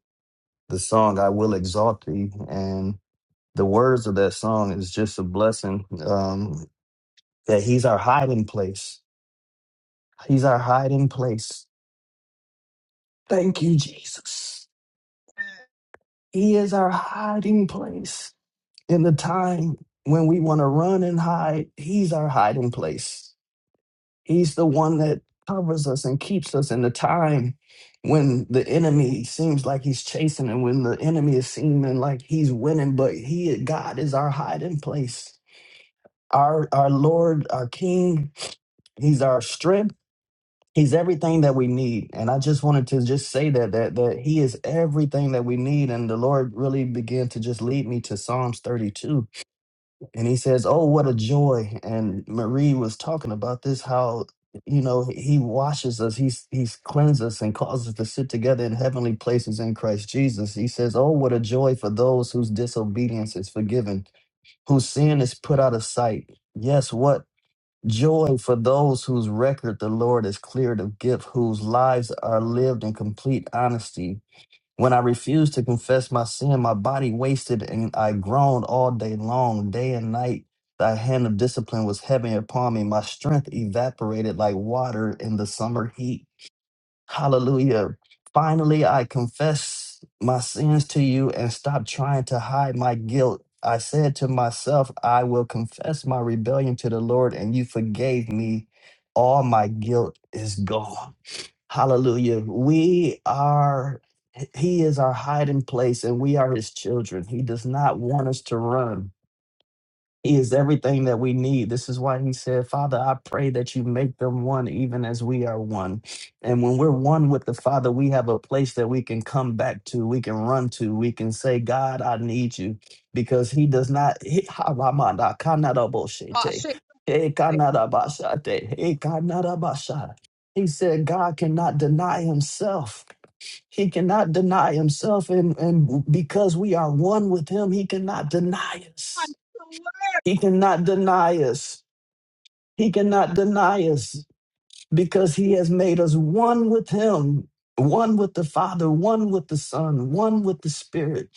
Speaker 7: the song "I Will Exalt Thee," and the words of that song is just a blessing. Um, that He's our hiding place. He's our hiding place. Thank you, Jesus. He is our hiding place. in the time when we want to run and hide, He's our hiding place. He's the one that covers us and keeps us in the time when the enemy seems like he's chasing and when the enemy is seeming like he's winning, but he God is our hiding place. Our our Lord, our King, He's our strength. He's everything that we need. And I just wanted to just say that that that He is everything that we need. And the Lord really began to just lead me to Psalms 32 and he says, "Oh, what a joy!" And Marie was talking about this how you know he washes us, he's he's cleansed us and causes us to sit together in heavenly places in Christ Jesus. He says, "Oh, what a joy for those whose disobedience is forgiven, whose sin is put out of sight." Yes, what joy for those whose record the Lord has cleared of guilt, whose lives are lived in complete honesty when I refused to confess my sin, my body wasted and I groaned all day long, day and night. Thy hand of discipline was heavy upon me. My strength evaporated like water in the summer heat. Hallelujah. Finally, I confess my sins to you and stop trying to hide my guilt. I said to myself, I will confess my rebellion to the Lord, and you forgave me. All my guilt is gone. Hallelujah. We are, He is our hiding place and we are His children. He does not want us to run. He is everything that we need. This is why he said, Father, I pray that you make them one, even as we are one. And when we're one with the Father, we have a place that we can come back to, we can run to, we can say, God, I need you. Because he does not, he, ha, ma, ma, da, ka, na, da, bo, she,
Speaker 1: oh,
Speaker 7: te.
Speaker 1: shake.
Speaker 7: He, ka, na, da, ba, sha, te. He, ka, na, da, ba, sha. He said, God cannot deny himself. He cannot deny himself. And, and because we are one with him, he cannot deny us. He cannot deny us. He cannot deny us because he has made us one with him, one with the Father, one with the Son, one with the Spirit.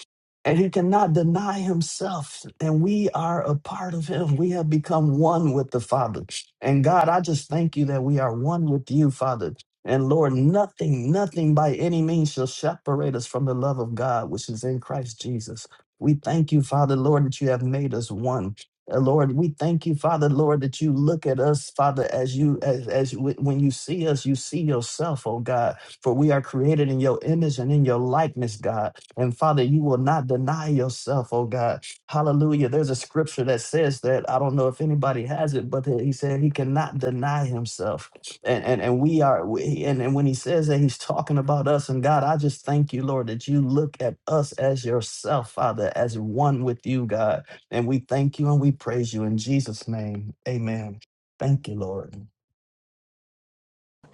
Speaker 7: And he cannot deny himself. And we are a part of him. We have become one with the Father. And God, I just thank you that we are one with you, Father. And Lord, nothing, nothing by any means shall separate us from the love of God, which is in Christ Jesus. We thank you, Father, Lord, that you have made us one. Uh, Lord, we thank you, Father, Lord, that you look at us, Father, as you, as, as w- when you see us, you see yourself, oh God, for we are created in your image and in your likeness, God. And Father, you will not deny yourself, oh God. Hallelujah. There's a scripture that says that, I don't know if anybody has it, but he said he cannot deny himself. And, and, and we are, we- and, and when he says that, he's talking about us. And God, I just thank you, Lord, that you look at us as yourself, Father, as one with you, God. And we thank you and we praise you in Jesus' name. Amen. Thank you, Lord.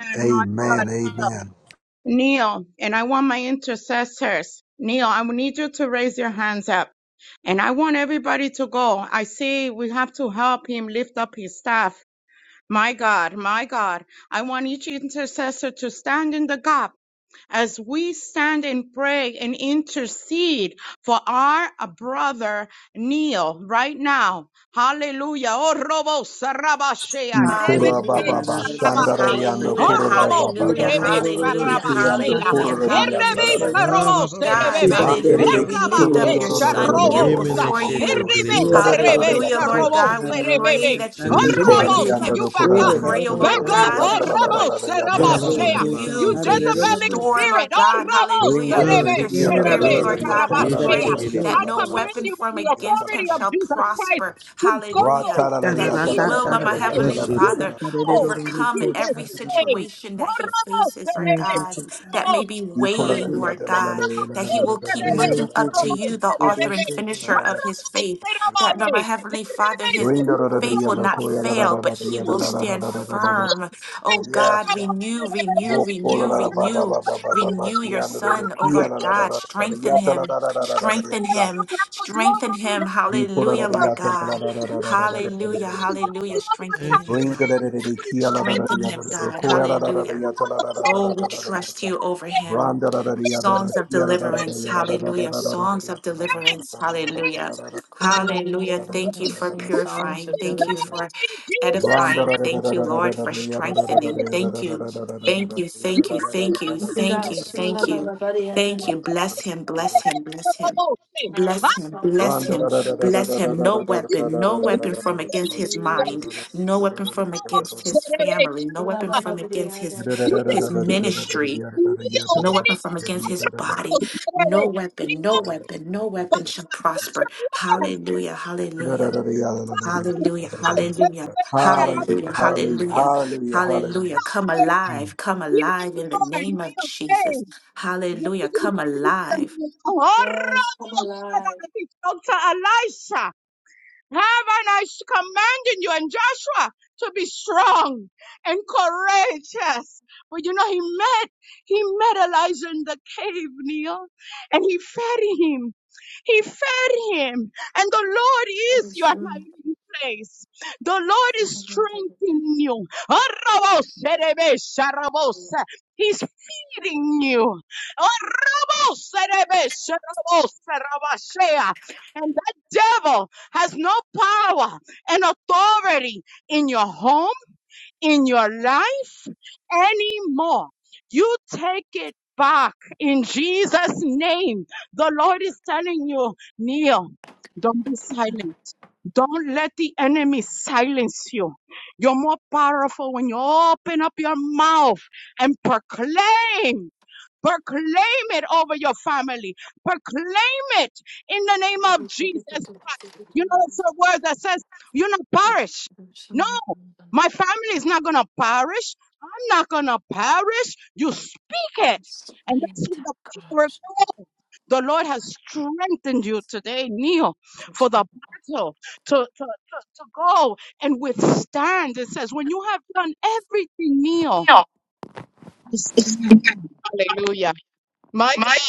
Speaker 1: And my
Speaker 4: Amen. Amen.
Speaker 1: Neil, and I want my intercessors. Neil, I will need you to raise your hands up. And I want everybody to go. I see we have to help him lift up his staff. My God, my God. I want each intercessor to stand in the gap as we stand and pray and intercede for our brother Neil right now. Hallelujah. Oh, Robo Sarabashea,
Speaker 2: Hallelujah.
Speaker 1: Rebeke
Speaker 6: Hallelujah,
Speaker 2: Da da da da da da.
Speaker 6: Jesus.
Speaker 1: Sarabaye. Oh,
Speaker 2: Okay.
Speaker 6: Hallelujah,
Speaker 1: Robo
Speaker 2: do
Speaker 6: hallelujah,
Speaker 2: do
Speaker 1: Serebe
Speaker 2: do do do do
Speaker 6: hallelujah,
Speaker 2: do do. Sha,
Speaker 1: Sarabasea,
Speaker 2: da,
Speaker 6: hallelujah,
Speaker 2: da,
Speaker 1: Erebe
Speaker 2: da, da,
Speaker 6: hallelujah.
Speaker 2: da, da.
Speaker 1: Sarobo
Speaker 6: God,
Speaker 2: Yes,
Speaker 1: Serebebe,
Speaker 2: Lord
Speaker 6: hallelujah. We
Speaker 3: Kiribasa,
Speaker 6: lift up
Speaker 1: Erabake
Speaker 6: your son, kneel
Speaker 1: Sarobosa,
Speaker 3: Remene
Speaker 6: before
Speaker 3: Shete
Speaker 6: you.
Speaker 1: Erebe
Speaker 3: Kiribos,
Speaker 1: Serebe
Speaker 6: Hallelujah, Lord
Speaker 1: Sarobo
Speaker 6: God. We pray
Speaker 1: Serebebe,
Speaker 6: that you
Speaker 1: Oh,
Speaker 6: would
Speaker 3: Shete Kiriba,
Speaker 1: Robo,
Speaker 6: strengthen him.
Speaker 1: you back
Speaker 6: We
Speaker 1: up.
Speaker 6: pray, oh
Speaker 1: Back
Speaker 6: Lord
Speaker 1: up,
Speaker 6: God,
Speaker 1: oh,
Speaker 6: that you
Speaker 1: Robo
Speaker 6: would uh,
Speaker 3: Baba
Speaker 1: Sarabashea.
Speaker 3: Baba
Speaker 2: Jesus.
Speaker 1: You
Speaker 6: renew,
Speaker 3: Basite Kiriba.
Speaker 1: Jezebelic
Speaker 6: restore,
Speaker 2: Hallelujah.
Speaker 1: spirit.
Speaker 6: Lord
Speaker 1: Oh,
Speaker 6: God.
Speaker 1: Ramos.
Speaker 6: Hallelujah.
Speaker 3: God, we
Speaker 6: Your
Speaker 1: Serebe,
Speaker 3: give you
Speaker 1: serebe,
Speaker 6: spirit, Lord
Speaker 3: glory.
Speaker 6: God. We
Speaker 3: You should
Speaker 1: sarabatea.
Speaker 3: take
Speaker 6: pray
Speaker 3: it in
Speaker 6: that
Speaker 1: I
Speaker 6: no
Speaker 3: the
Speaker 1: command
Speaker 3: books.
Speaker 6: weapon
Speaker 1: you by
Speaker 6: formed
Speaker 1: the
Speaker 6: against him
Speaker 1: authority of
Speaker 6: shall
Speaker 1: Jesus Christ
Speaker 6: prosper.
Speaker 1: to go
Speaker 4: Yes,
Speaker 6: Hallelujah. That
Speaker 1: in
Speaker 6: he will,
Speaker 1: Jesus'
Speaker 6: Lord, my
Speaker 1: name.
Speaker 6: heavenly
Speaker 3: Bless your
Speaker 1: You
Speaker 3: name.
Speaker 6: Father,
Speaker 1: go in
Speaker 6: overcome
Speaker 1: Jesus'
Speaker 6: every
Speaker 1: name.
Speaker 6: situation
Speaker 1: Oh,
Speaker 6: that he
Speaker 1: Ramos.
Speaker 6: faces, Lord
Speaker 2: Thank
Speaker 1: Serebe,
Speaker 2: you,
Speaker 6: God, that
Speaker 2: Jesus.
Speaker 6: may
Speaker 1: Ramos.
Speaker 6: be
Speaker 1: Serebe.
Speaker 6: weighing,
Speaker 2: Hallelujah.
Speaker 6: Lord God that he will keep
Speaker 1: Serebe,
Speaker 6: looking
Speaker 2: Thank you,
Speaker 6: up to
Speaker 1: Ramos,
Speaker 6: you,
Speaker 2: Jesus.
Speaker 6: the
Speaker 2: We
Speaker 6: author
Speaker 1: Serebe.
Speaker 6: and
Speaker 2: bless you, Lord.
Speaker 6: finisher of
Speaker 1: Ramos,
Speaker 6: his faith, that Lord, my
Speaker 1: Serebe. You
Speaker 6: heavenly Father, his
Speaker 1: strengthen him.
Speaker 6: faith will not fail, but he
Speaker 1: Strengthen
Speaker 6: will
Speaker 1: him.
Speaker 6: stand
Speaker 1: Ramos,
Speaker 6: firm. Oh
Speaker 1: Serebe,
Speaker 6: God,
Speaker 1: Ramos,
Speaker 6: renew, renew,
Speaker 1: Serebe.
Speaker 6: renew,
Speaker 1: Jesus'
Speaker 6: renew, renew your son. Oh Lord God, strengthen him, strengthen him, strengthen him. Hallelujah,
Speaker 4: Father.
Speaker 6: Lord God. Hallelujah, hallelujah. Strengthen him,
Speaker 3: Thank you,
Speaker 4: Bring
Speaker 3: Father.
Speaker 4: the
Speaker 6: God. Strengthen him, God. Hallelujah. Oh, we trust you over him. Songs of deliverance. Hallelujah. Songs of deliverance. Hallelujah. Hallelujah. Thank you for purifying. Thank you for
Speaker 4: Branda
Speaker 6: edifying. Thank you, Lord, for
Speaker 1: name.
Speaker 6: strengthening. Thank you.
Speaker 1: You have no right.
Speaker 6: Thank you. Thank you. Thank you. Thank you. Thank you. Thank you. Bless him. Bless him. Bless him.
Speaker 1: I
Speaker 6: Bless him, bless him, bless him. No
Speaker 1: you go
Speaker 6: weapon, no weapon
Speaker 1: now
Speaker 6: from against
Speaker 1: in
Speaker 6: his
Speaker 1: Jesus'
Speaker 6: mind,
Speaker 1: name.
Speaker 6: no weapon from against his family, no weapon from against his
Speaker 4: Hallelujah,
Speaker 1: You
Speaker 6: his
Speaker 1: cannot kneel
Speaker 6: ministry,
Speaker 4: hallelujah,
Speaker 6: no weapon from
Speaker 1: anymore.
Speaker 6: against his body, no
Speaker 1: We
Speaker 6: weapon, no
Speaker 1: want
Speaker 6: weapon, no
Speaker 1: God
Speaker 6: weapon
Speaker 1: to
Speaker 6: shall
Speaker 1: put
Speaker 6: prosper.
Speaker 1: your words in the
Speaker 6: Hallelujah, hallelujah. Hallelujah,
Speaker 1: mouth.
Speaker 6: hallelujah, hallelujah, hallelujah,
Speaker 4: hallelujah, hallelujah,
Speaker 6: hallelujah. Come alive, come
Speaker 1: We can
Speaker 6: alive in the
Speaker 1: Lord,
Speaker 6: name of
Speaker 1: kneel say,
Speaker 6: Jesus.
Speaker 1: Dr.
Speaker 6: Hallelujah, come alive.
Speaker 1: Elisha, have and I commanding you and Joshua to be strong and courageous. But you know, he met, he met Elijah in the cave, Neil, and he fed him. He fed him. And the Lord is your hiding place. The Lord is strengthening you. He's feeding you. And that devil has no power and authority in your home in your life anymore. You take it back in Jesus' name. The Lord is telling you, kneel. Don't be silent. Don't let the enemy silence you. You're more powerful when you open up your mouth and proclaim. Proclaim it over your family. Proclaim it in the name of Jesus Christ. You know, it's a word that says, you not perish. No. My family is not going to perish. I'm not going to perish. You speak it. And that's what the power goes. The Lord has strengthened you today, Neil, for the battle to, to, to, to go and withstand. It says, when you have done everything, Neil,
Speaker 5: Neil,
Speaker 1: just stand. hallelujah. My
Speaker 5: Mike,
Speaker 1: God,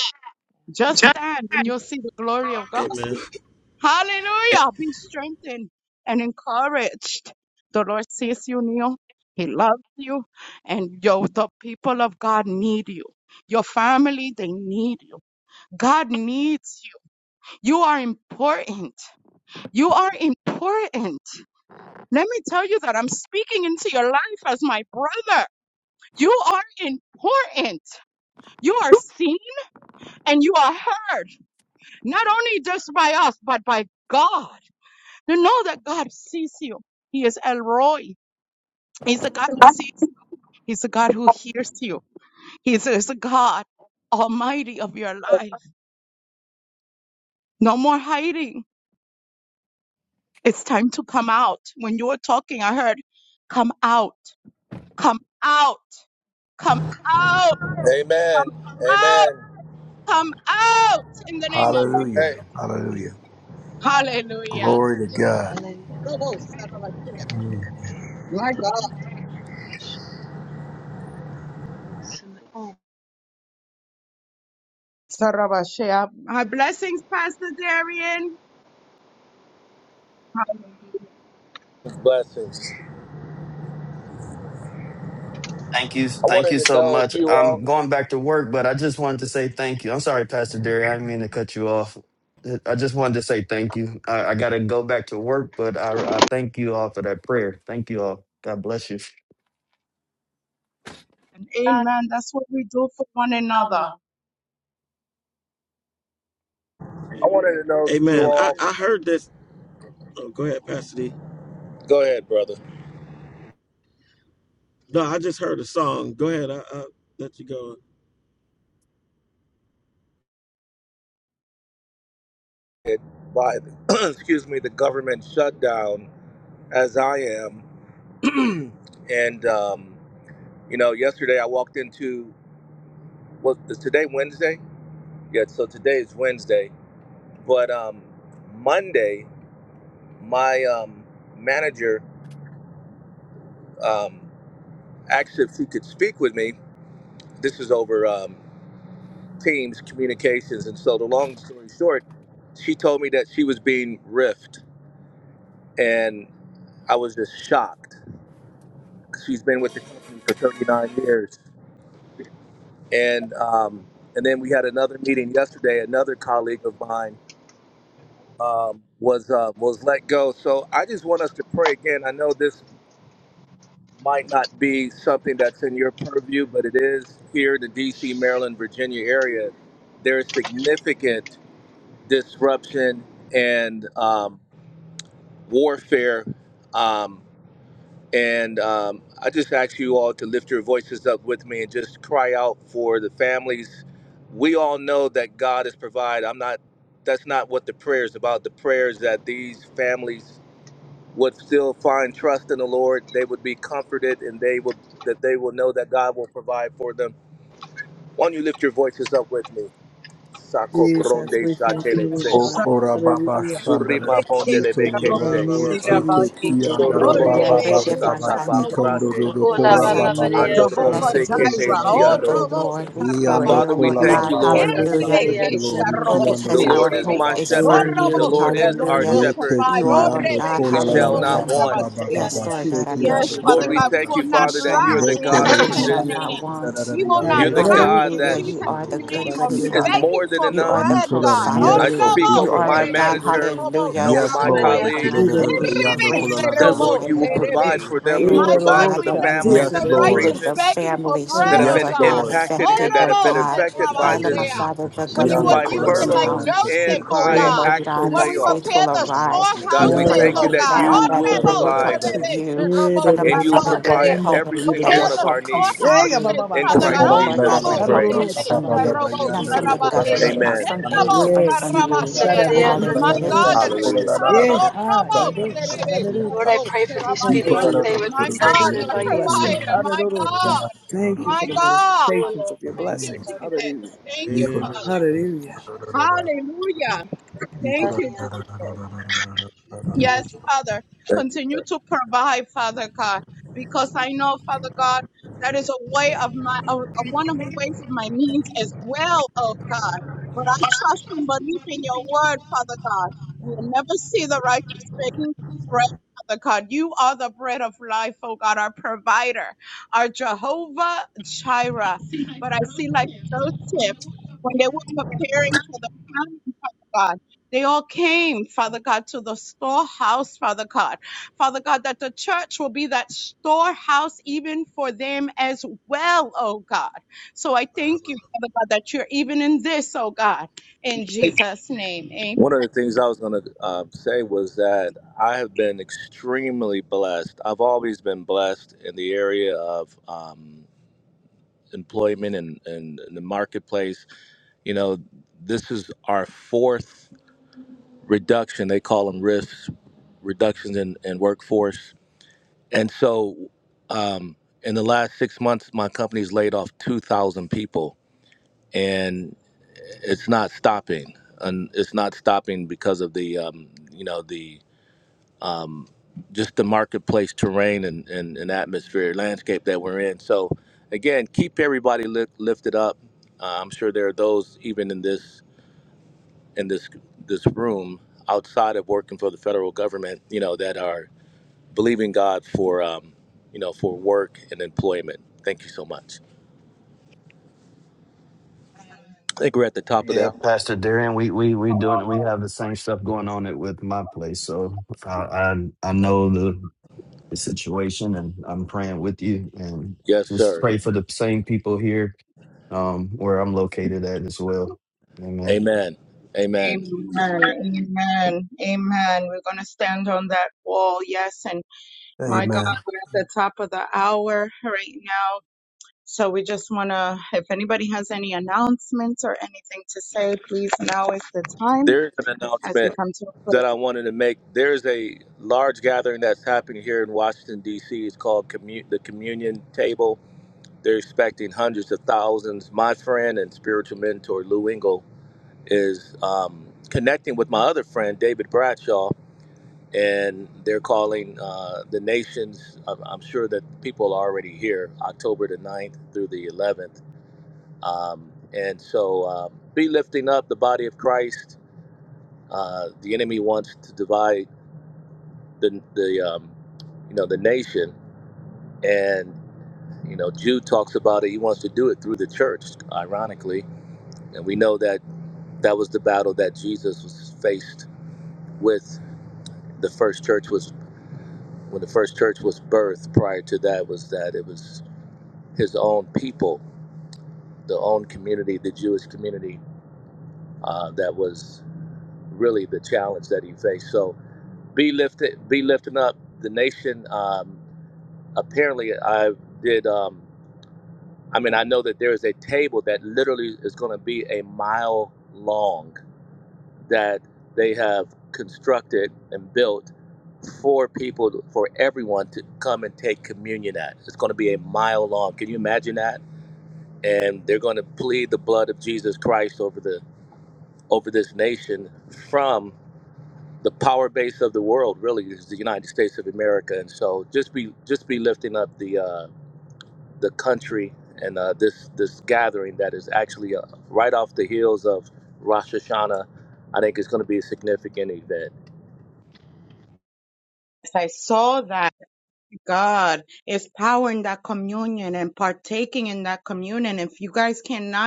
Speaker 1: just
Speaker 5: just
Speaker 1: stand and you'll see the glory of God. Hallelujah. Be strengthened and encouraged. The Lord sees you, Neil. He loves you. And yo, the people of God need you. Your family, they need you. God needs you. You are important. You are important. Let me tell you that I'm speaking into your life as my brother. You are important. You are seen and you are heard, not only just by us, but by God. You know that God sees you. He is El Roy. He's a God who sees you. He's a God who hears you. He's, a God Almighty of your life. No more hiding. It's time to come out. When you were talking, I heard, come out, come out, come out,
Speaker 8: Amen.
Speaker 1: out,
Speaker 8: Amen.
Speaker 1: come out in the name of Jesus.
Speaker 4: hallelujah,
Speaker 8: Hey,
Speaker 4: hallelujah.
Speaker 1: Hallelujah.
Speaker 4: Glory to God. Mm.
Speaker 1: My God. Yeah. My blessings, Pastor Darian.
Speaker 8: blessings.
Speaker 7: Thank you.
Speaker 8: I
Speaker 7: Thank you
Speaker 8: wanted to
Speaker 7: so
Speaker 8: know if
Speaker 7: much.
Speaker 8: you
Speaker 7: I'm
Speaker 8: all.
Speaker 7: going back to work, but I just wanted to say thank you. I'm sorry, Pastor Derry. I didn't mean to cut you off. I just wanted to say thank you. I, I got to go back to work, but I, I thank you all for that prayer. Thank you all. God bless you.
Speaker 1: And amen. That's what we do for one another.
Speaker 5: another.
Speaker 8: I wanted to know if you
Speaker 3: Amen. I,
Speaker 8: all.
Speaker 3: I heard this. Oh, go ahead, Pastor D.
Speaker 8: Go ahead, brother.
Speaker 3: No, I just heard a song. Go ahead. I, I let you go.
Speaker 8: It- By the, excuse me, the government shutdown, as I am, and um, you know, yesterday I walked into. What is today? Wednesday. Yeah. So today is Wednesday, but um, Monday, my um, manager um, asked if she could speak with me. This is over. um, teams communications and so the long story short she told me that she was being riffed and i was just shocked she's been with the company for 39 years and um, and then we had another meeting yesterday another colleague of mine um, was uh, was let go so i just want us to pray again i know this might not be something that's in your purview but it is here in the dc maryland virginia area there is significant disruption and um, warfare. Um, and um, I just ask you all to lift your voices up with me and just cry out for the families. We all know that God is provide. I'm not. That's not what the prayer is about. The prayer is that these families would still find trust in the Lord. They would be comforted, and they will that they will know that God will provide for them. Why don't you lift your voices up with me? Sako pronde
Speaker 2: Jesus, we thank you,
Speaker 8: shatele
Speaker 2: Lord
Speaker 8: se.
Speaker 2: God.
Speaker 4: Okora baba
Speaker 2: Hallelujah.
Speaker 4: shandara
Speaker 8: Suripa
Speaker 1: Rebe
Speaker 4: kito
Speaker 2: We're
Speaker 8: pondelebe
Speaker 4: no no no
Speaker 1: Sharobo
Speaker 8: kese.
Speaker 2: drawing
Speaker 4: babo
Speaker 2: near to
Speaker 3: Ra-ba-ba-ba.
Speaker 2: these
Speaker 4: shete
Speaker 3: See,
Speaker 1: Sirabaye.
Speaker 3: take
Speaker 4: ki
Speaker 2: people.
Speaker 3: it. Shit.
Speaker 6: Hallelujah.
Speaker 4: baba
Speaker 2: Hallelujah.
Speaker 1: Orebe
Speaker 8: Soroboboboko
Speaker 4: baba
Speaker 6: Rebe
Speaker 4: baba
Speaker 2: Shadadadada.
Speaker 8: satapa
Speaker 6: batsande de
Speaker 1: Sharobo
Speaker 4: kito no no
Speaker 8: brande.
Speaker 4: no
Speaker 6: bokore la
Speaker 4: kora
Speaker 1: Sirabaye.
Speaker 2: Drawing
Speaker 6: san.
Speaker 4: baba
Speaker 2: near
Speaker 4: baba
Speaker 2: to
Speaker 8: Andoro
Speaker 2: the
Speaker 1: Jehovah
Speaker 6: Blessed be the
Speaker 3: Ra-ba-ba-ba-ba.
Speaker 8: sekepe
Speaker 2: situation.
Speaker 1: Jireh.
Speaker 6: name of
Speaker 4: shandara
Speaker 6: the
Speaker 8: shiandolo.
Speaker 1: Orobo
Speaker 2: Shadadadada.
Speaker 6: Lord. We
Speaker 2: Shadadadada.
Speaker 4: Yando
Speaker 6: pray,
Speaker 8: Father,
Speaker 6: oh,
Speaker 8: we
Speaker 4: kola
Speaker 1: Sarabashea.
Speaker 4: la
Speaker 8: thank you,
Speaker 4: ba ba
Speaker 8: Lord.
Speaker 4: ba sha.
Speaker 6: hallelujah.
Speaker 4: Thank
Speaker 1: Herebe
Speaker 4: you, Lord.
Speaker 6: Oh,
Speaker 4: Iki
Speaker 1: Sharobo
Speaker 2: Shadadadada.
Speaker 4: yando
Speaker 8: The
Speaker 4: kola
Speaker 8: Lord
Speaker 4: la
Speaker 8: is
Speaker 4: la
Speaker 1: Siribebe.
Speaker 8: my
Speaker 4: ba ba ba.
Speaker 8: shepherd.
Speaker 6: be-
Speaker 8: The
Speaker 1: Orobo
Speaker 8: Lord
Speaker 2: Shadadadada.
Speaker 1: the
Speaker 8: is
Speaker 1: Lord
Speaker 8: our
Speaker 6: hallelujah.
Speaker 1: will
Speaker 8: shepherd.
Speaker 4: Yete
Speaker 6: You,
Speaker 1: provide.
Speaker 4: ki yando
Speaker 1: Orebe
Speaker 8: We
Speaker 3: Shit,
Speaker 4: kola la
Speaker 3: baby,
Speaker 4: la
Speaker 8: shall
Speaker 1: Sharobo
Speaker 4: la
Speaker 3: take it.
Speaker 8: not
Speaker 4: ba
Speaker 6: hallelujah.
Speaker 4: ba
Speaker 8: want.
Speaker 4: ba ba ba
Speaker 6: Yes,
Speaker 2: Shadadadada.
Speaker 4: ba.
Speaker 6: Lord God, our
Speaker 4: Sheki
Speaker 6: good
Speaker 1: Yes,
Speaker 4: yando
Speaker 1: Father
Speaker 8: Lord,
Speaker 4: kola
Speaker 8: we
Speaker 4: la
Speaker 6: shepherd.
Speaker 1: God,
Speaker 4: la
Speaker 1: we
Speaker 4: la.
Speaker 8: thank
Speaker 1: will
Speaker 8: you,
Speaker 1: not
Speaker 6: We
Speaker 8: Father,
Speaker 6: shall
Speaker 8: that
Speaker 1: lack
Speaker 8: you're
Speaker 6: not
Speaker 8: the
Speaker 1: in
Speaker 4: Lete
Speaker 8: God
Speaker 6: want.
Speaker 4: le
Speaker 8: of
Speaker 6: We
Speaker 4: ki
Speaker 1: Jesus'
Speaker 6: shall
Speaker 4: yando
Speaker 8: provision.
Speaker 6: not
Speaker 1: name.
Speaker 4: kola la
Speaker 6: want.
Speaker 4: la la
Speaker 1: We
Speaker 4: la
Speaker 1: will
Speaker 4: yando
Speaker 1: not
Speaker 8: You're the
Speaker 3: Baby, baby,
Speaker 1: lack
Speaker 8: God
Speaker 1: in
Speaker 3: baby,
Speaker 6: Hallelujah.
Speaker 8: that
Speaker 4: kola la la
Speaker 6: You
Speaker 1: Jesus'
Speaker 4: la
Speaker 3: shit,
Speaker 6: are the
Speaker 3: take
Speaker 4: la la.
Speaker 6: good,
Speaker 1: name
Speaker 3: it.
Speaker 1: or
Speaker 6: good
Speaker 1: be
Speaker 8: is
Speaker 4: Sita.
Speaker 6: Father.
Speaker 8: more
Speaker 1: begging
Speaker 8: than
Speaker 1: for
Speaker 6: You
Speaker 8: enough.
Speaker 6: are the
Speaker 1: bread,
Speaker 4: Niko la
Speaker 1: God. Oh,
Speaker 8: I
Speaker 6: provider.
Speaker 4: Yes,
Speaker 2: Shadadadada.
Speaker 4: Lord.
Speaker 1: Robo,
Speaker 8: speak
Speaker 6: You
Speaker 4: Niko
Speaker 8: over
Speaker 6: are,
Speaker 8: my
Speaker 4: la
Speaker 6: Lord
Speaker 4: la
Speaker 1: Serebe,
Speaker 4: la
Speaker 6: God.
Speaker 4: la.
Speaker 8: manager
Speaker 1: Robo,
Speaker 8: and
Speaker 6: Hallelujah.
Speaker 2: Shadadadada.
Speaker 8: over
Speaker 4: Yes,
Speaker 8: my
Speaker 6: Oh, Lord
Speaker 4: Lord.
Speaker 1: Serabasea.
Speaker 4: Iki
Speaker 8: colleague
Speaker 4: la
Speaker 6: God,
Speaker 4: la
Speaker 6: the,
Speaker 4: la la la
Speaker 6: the
Speaker 1: Rebe,
Speaker 4: yando
Speaker 2: Irorororosha,
Speaker 4: kola
Speaker 6: great
Speaker 4: la la
Speaker 2: show
Speaker 8: that,
Speaker 4: la la
Speaker 8: Lord,
Speaker 1: Serebo,
Speaker 2: yourself
Speaker 8: you
Speaker 4: la
Speaker 8: will
Speaker 6: provider.
Speaker 2: Lord.
Speaker 4: yando la
Speaker 6: We
Speaker 1: Serebe.
Speaker 4: la
Speaker 8: provide
Speaker 4: la
Speaker 8: for
Speaker 4: yando
Speaker 8: them.
Speaker 6: pray,
Speaker 4: la
Speaker 6: oh,
Speaker 4: la.
Speaker 8: You'll
Speaker 1: My
Speaker 6: Lord
Speaker 1: God,
Speaker 8: provide
Speaker 1: you
Speaker 8: for
Speaker 6: God,
Speaker 8: the
Speaker 1: will
Speaker 2: Irorororosha,
Speaker 6: that you
Speaker 1: never
Speaker 2: take
Speaker 1: see
Speaker 2: it,
Speaker 6: will
Speaker 8: families
Speaker 1: the
Speaker 4: Yes,
Speaker 8: in this
Speaker 6: be
Speaker 4: Lord.
Speaker 1: righteous
Speaker 6: with the
Speaker 8: region
Speaker 2: irorororosha.
Speaker 1: begging for
Speaker 6: families
Speaker 2: Show
Speaker 8: that
Speaker 6: who
Speaker 1: bread,
Speaker 8: have
Speaker 6: are,
Speaker 1: oh
Speaker 8: been
Speaker 2: yourself
Speaker 4: Yes,
Speaker 6: Lord God,
Speaker 1: God.
Speaker 4: Lord.
Speaker 2: Lord,
Speaker 8: impacted
Speaker 2: I
Speaker 1: Oh,
Speaker 8: and
Speaker 6: affected,
Speaker 2: ask,
Speaker 8: that
Speaker 6: Lord
Speaker 8: have
Speaker 1: Robo,
Speaker 8: been
Speaker 6: God.
Speaker 2: oh
Speaker 8: affected
Speaker 2: God.
Speaker 8: by
Speaker 6: By Lord, my
Speaker 8: this
Speaker 1: Serabasea.
Speaker 6: Father, the
Speaker 1: But
Speaker 2: In
Speaker 1: you
Speaker 2: the
Speaker 1: would
Speaker 4: Yanda
Speaker 6: government
Speaker 8: by
Speaker 2: name of
Speaker 4: kola
Speaker 1: use
Speaker 4: da
Speaker 1: it
Speaker 6: closed
Speaker 4: da
Speaker 1: like
Speaker 4: da
Speaker 2: Jesus,
Speaker 4: da
Speaker 8: furloughs
Speaker 6: down.
Speaker 4: da
Speaker 6: We
Speaker 1: Joseph,
Speaker 4: da da
Speaker 8: and
Speaker 4: da
Speaker 1: oh
Speaker 2: in the
Speaker 6: pray,
Speaker 8: by
Speaker 6: oh,
Speaker 1: God.
Speaker 4: yanda
Speaker 2: name
Speaker 6: Lord
Speaker 2: of
Speaker 8: actual
Speaker 4: kola
Speaker 6: God,
Speaker 1: Where
Speaker 2: Jesus.
Speaker 6: that
Speaker 1: we
Speaker 4: da da da da da
Speaker 6: faith
Speaker 8: layoffs.
Speaker 1: repair
Speaker 6: will
Speaker 4: da
Speaker 1: the
Speaker 4: yanda
Speaker 6: arise.
Speaker 8: And
Speaker 6: We
Speaker 8: God,
Speaker 4: kiya
Speaker 8: we
Speaker 4: la
Speaker 6: pray,
Speaker 4: la
Speaker 1: storehouses,
Speaker 6: oh,
Speaker 4: la
Speaker 8: thank you
Speaker 1: oh
Speaker 4: la
Speaker 6: Lord
Speaker 4: la
Speaker 8: that
Speaker 1: God.
Speaker 2: Irorororosha,
Speaker 6: God,
Speaker 8: you
Speaker 2: da,
Speaker 6: that
Speaker 2: da,
Speaker 8: will
Speaker 6: they
Speaker 4: la la
Speaker 2: da.
Speaker 6: will
Speaker 4: la
Speaker 6: look
Speaker 8: provide
Speaker 4: la
Speaker 6: up
Speaker 4: la
Speaker 6: to
Speaker 4: la.
Speaker 6: you. For Lord, my
Speaker 8: and you'll
Speaker 6: Father,
Speaker 2: Irorororosha,
Speaker 6: their
Speaker 8: supply
Speaker 2: da,
Speaker 6: help,
Speaker 2: da,
Speaker 8: every single
Speaker 6: that their
Speaker 1: Prepare
Speaker 8: one
Speaker 2: irorororosha.
Speaker 8: of
Speaker 1: the
Speaker 8: our
Speaker 6: help comes
Speaker 8: needs.
Speaker 2: Yeah,
Speaker 6: from
Speaker 2: yeah,
Speaker 6: you
Speaker 2: ba,
Speaker 1: storehouses,
Speaker 2: ba, ba,
Speaker 8: In
Speaker 6: that
Speaker 2: da,
Speaker 1: Father
Speaker 6: they
Speaker 4: Kola
Speaker 1: God.
Speaker 8: Christ
Speaker 4: la
Speaker 6: know, Lord
Speaker 4: la la
Speaker 8: Jesus,
Speaker 6: God,
Speaker 8: we
Speaker 6: their
Speaker 2: da.
Speaker 4: la
Speaker 6: help
Speaker 8: pray.
Speaker 4: la
Speaker 6: comes
Speaker 4: la ba ba
Speaker 2: Irorororosha,
Speaker 6: from
Speaker 4: ba ba
Speaker 2: da,
Speaker 4: ba
Speaker 6: you,
Speaker 4: ba
Speaker 6: not
Speaker 4: yanda
Speaker 6: from
Speaker 4: ro
Speaker 2: da,
Speaker 6: the
Speaker 2: da.
Speaker 4: kola la la
Speaker 6: government,
Speaker 4: la la
Speaker 6: not from
Speaker 8: Amen.
Speaker 4: yanda ro
Speaker 6: anyone, but
Speaker 2: Yes,
Speaker 6: from
Speaker 2: Ibo
Speaker 6: you.
Speaker 4: yanda kola la la
Speaker 1: My
Speaker 4: la la
Speaker 6: Hallelujah.
Speaker 1: God,
Speaker 2: Shadararonda.
Speaker 6: Thank
Speaker 4: yanda
Speaker 1: that
Speaker 6: you,
Speaker 1: they would
Speaker 4: kola
Speaker 6: Jesus.
Speaker 4: la
Speaker 8: Hallelujah.
Speaker 4: la la
Speaker 1: come.
Speaker 2: Yeah,
Speaker 4: la la
Speaker 2: ha,
Speaker 4: yata la
Speaker 2: Yabo
Speaker 4: la la la la yata.
Speaker 2: Shadarete.
Speaker 4: I
Speaker 2: Thank you for
Speaker 4: kola la
Speaker 2: your
Speaker 4: la la la
Speaker 1: My God,
Speaker 2: manifestations
Speaker 4: la
Speaker 2: of
Speaker 1: my
Speaker 4: yanda
Speaker 2: your
Speaker 4: ro kuya
Speaker 2: blessings.
Speaker 4: la
Speaker 1: provider,
Speaker 4: la
Speaker 1: my
Speaker 4: la
Speaker 2: Hallelujah.
Speaker 4: la
Speaker 3: Ba-ba-ba.
Speaker 1: God,
Speaker 4: yanda ro ro
Speaker 2: Thank
Speaker 4: ro
Speaker 2: you
Speaker 1: my
Speaker 2: for the
Speaker 4: ro.
Speaker 1: God.
Speaker 2: manifestations of your
Speaker 1: Thank you,
Speaker 4: Mm.
Speaker 2: blessings. Hallelujah.
Speaker 1: Jesus. Thank
Speaker 4: I
Speaker 1: you,
Speaker 3: Baby,
Speaker 4: kola
Speaker 3: baby,
Speaker 4: la
Speaker 1: Father.
Speaker 4: la la
Speaker 3: baby,
Speaker 2: Hallelujah.
Speaker 4: la
Speaker 3: shit,
Speaker 4: la la la la
Speaker 3: take
Speaker 4: la.
Speaker 1: Hallelujah.
Speaker 4: I
Speaker 1: Thank
Speaker 4: kola
Speaker 1: you,
Speaker 4: la la la la la
Speaker 1: Jesus.
Speaker 4: la
Speaker 3: it.
Speaker 4: la la la
Speaker 3: Shit, take
Speaker 1: Yes,
Speaker 4: la.
Speaker 1: Father.
Speaker 8: Thank you,
Speaker 1: Continue
Speaker 8: Lord.
Speaker 1: to provide, Father God, because I know, Father God, that is a way of my, a, a one of the ways of my means as well, oh God. But I trust and believe in your word, Father God. You will never see the righteous begging for bread, Father God. You are the bread of life, oh God, our provider, our Jehovah Jireh. But I see like Joseph, when they were preparing for the famine, Father God. They all came, Father God, to the storehouse, Father God. Father God, that the church will be that storehouse even for them as well, oh God. So I thank
Speaker 3: Ba-ba.
Speaker 1: you, Father God, that you're even in this, oh God. In Jesus' name, amen.
Speaker 8: One of the things I was going to um, say was that I have been extremely blessed. I've always been blessed in the area of um, employment and, and the marketplace. You know, this is our fourth. reduction. They call them risks, reductions in, in workforce. And so, um, in the last six months, my company's laid off 2,000 people, and it's not stopping. And it's not stopping because of the, um, you know, the um, just the marketplace terrain and, and, and atmosphere landscape that we're in. So, again, keep everybody li- lifted up. Uh, I'm sure there are those even in this in this this room outside of working for the federal government, you know, that are believing God for um, you know, for work and employment. Thank you so much. I think we're at the top of the
Speaker 7: Yeah,
Speaker 8: hour.
Speaker 7: Pastor Darian, we we we doing we have the same stuff going on it with my place, so I I, I know the the situation and I'm praying with you and
Speaker 8: Yes,
Speaker 7: just
Speaker 8: sir.
Speaker 7: pray for the same people here um where I'm located at as well. Amen.
Speaker 8: Amen. Amen.
Speaker 1: Amen. Amen. Amen. We're going to stand on that wall. Yes. And my God,
Speaker 4: Amen.
Speaker 1: we're at the top of the hour right now. So we just want to, if anybody has any announcements or anything to say, please now is the time
Speaker 8: There's an
Speaker 1: as we
Speaker 8: announcement
Speaker 1: come to a
Speaker 8: that
Speaker 1: close.
Speaker 8: I wanted to make. There's a large gathering that's happening here in Washington D.C. It's called commu- the Communion Table. They're expecting hundreds of thousands. My friend and spiritual mentor Lou Engle is um, connecting with my other friend David Bradshaw, and they're calling uh, the nations. I'm, I'm sure that people are already here, October the ninth through the 11th. Um, and so, uh, be lifting up the body of Christ. Uh, the enemy wants to divide the the um, you know the nation, and you know Jude talks about it. He wants to do it through the church, ironically, and we know that that was the battle that Jesus was faced with the first church was when the first church was birthed prior to that was that it was his own people the own community the jewish community uh, that was really the challenge that he faced so be lifted be lifting up the nation um, apparently i did um, i mean i know that there is a table that literally is going to be a mile long that they have constructed and built for people, for everyone to come and take communion at. It's going to be a mile long. Can you imagine that? And they're going to plead the blood of Jesus Christ over the over this nation from the power base of the world. Really, is the United States of America. And so, just be just be lifting up the uh, the country and uh, this this gathering that is actually uh, right off the heels of Rosh Hashanah. I think it's going to be a significant event.
Speaker 1: As I saw that God is power in that communion and partaking in that communion. If you guys cannot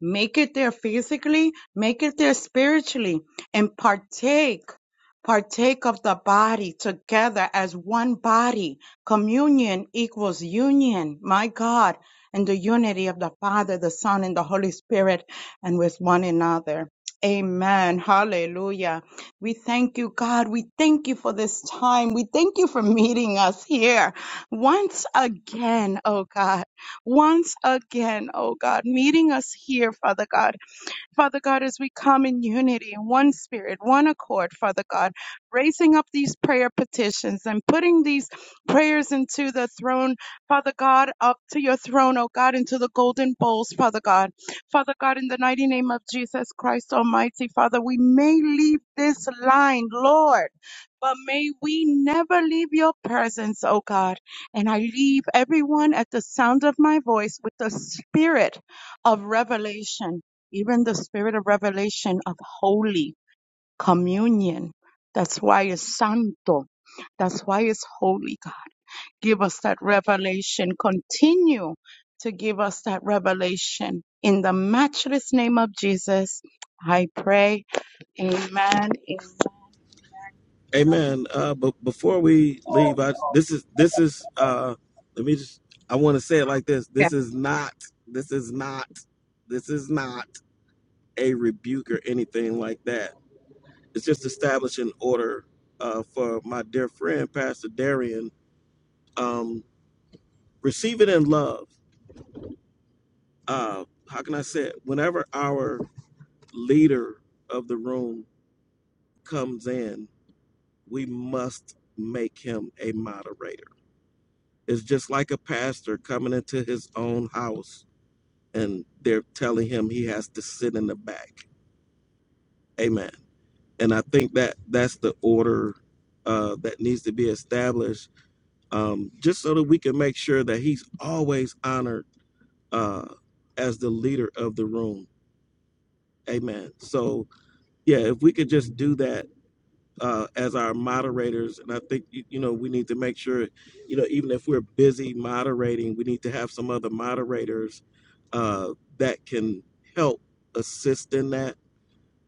Speaker 1: Make it there physically, make it there spiritually, and partake, partake of the body together as one body. Communion equals union, my God, and the unity of the Father, the Son, and the Holy Spirit, and with one another. Amen. Hallelujah. We thank you, God. We thank you for this time. We thank you for meeting us here once again, oh God once again, oh God, meeting us here, Father God Father God, as we come in unity, in one spirit, one accord, Father God, raising up these prayer petitions and putting these prayers into the throne, Father God, up to your throne, oh God, into the golden bowls, Father God. Father God, in the mighty name of Jesus Christ Almighty, Father, we may leave this line, Lord. But may we never leave your presence, oh God. And I leave everyone at the sound of my voice with the spirit of revelation even the spirit of revelation of holy communion. That's why it's santo. That's why it's holy. God, give us that revelation. Continue to give us that revelation. In the matchless name of Jesus, I pray. Amen. Amen.
Speaker 3: Amen. Uh, but before we leave, I this is this is uh let me just I want to say it like this.
Speaker 1: Amen.
Speaker 3: This is not this is not this is not a rebuke or anything like that. It's just establishing order uh for my dear friend Pastor Darian Um, receive it in love. Uh, how can I say it? Whenever our leader of the room comes in, we must make him a moderator. It's just like a pastor coming into his own house and they're telling him he has to sit in the back. Amen. And I think that that's the order uh, that needs to be established, um, just so that we can make sure that he's always honored uh, as the leader of the room. Amen. So Yeah, if we could just do that uh, as our moderators, and I think you, you know we need to make sure, you know, even if we're busy moderating, we need to have some other moderators uh, that can help assist in that,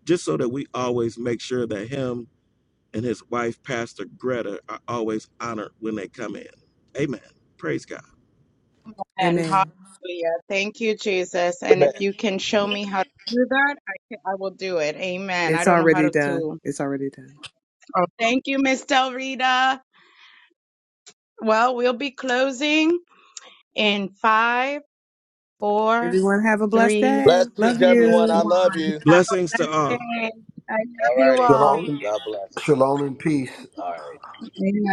Speaker 3: just so that we always make sure that him and his wife, Pastor Greta, are always honored when they come in. Amen. Praise God.
Speaker 1: And hallelujah.
Speaker 2: Amen.
Speaker 1: Thank you, Jesus. And if you can show me how to do that, I, can, I will do it. Amen. I
Speaker 2: It's
Speaker 1: don't know how
Speaker 2: already
Speaker 1: to.
Speaker 2: done.
Speaker 1: to
Speaker 2: It's already done.
Speaker 1: Oh, thank you, Miss Del Rita. Well, we'll be closing in five, four,
Speaker 2: Everyone have a blessed
Speaker 1: three,
Speaker 2: day. Love
Speaker 8: Blessings,
Speaker 1: two,
Speaker 8: everyone.
Speaker 2: you.
Speaker 8: I
Speaker 1: one.
Speaker 8: love you.
Speaker 3: Blessings to
Speaker 1: Blessed
Speaker 3: all.
Speaker 1: day. I love
Speaker 8: All
Speaker 1: you
Speaker 8: righty.
Speaker 1: all.
Speaker 4: Shalom,
Speaker 8: God bless.
Speaker 4: shalom and peace.
Speaker 8: All right.
Speaker 1: Amen.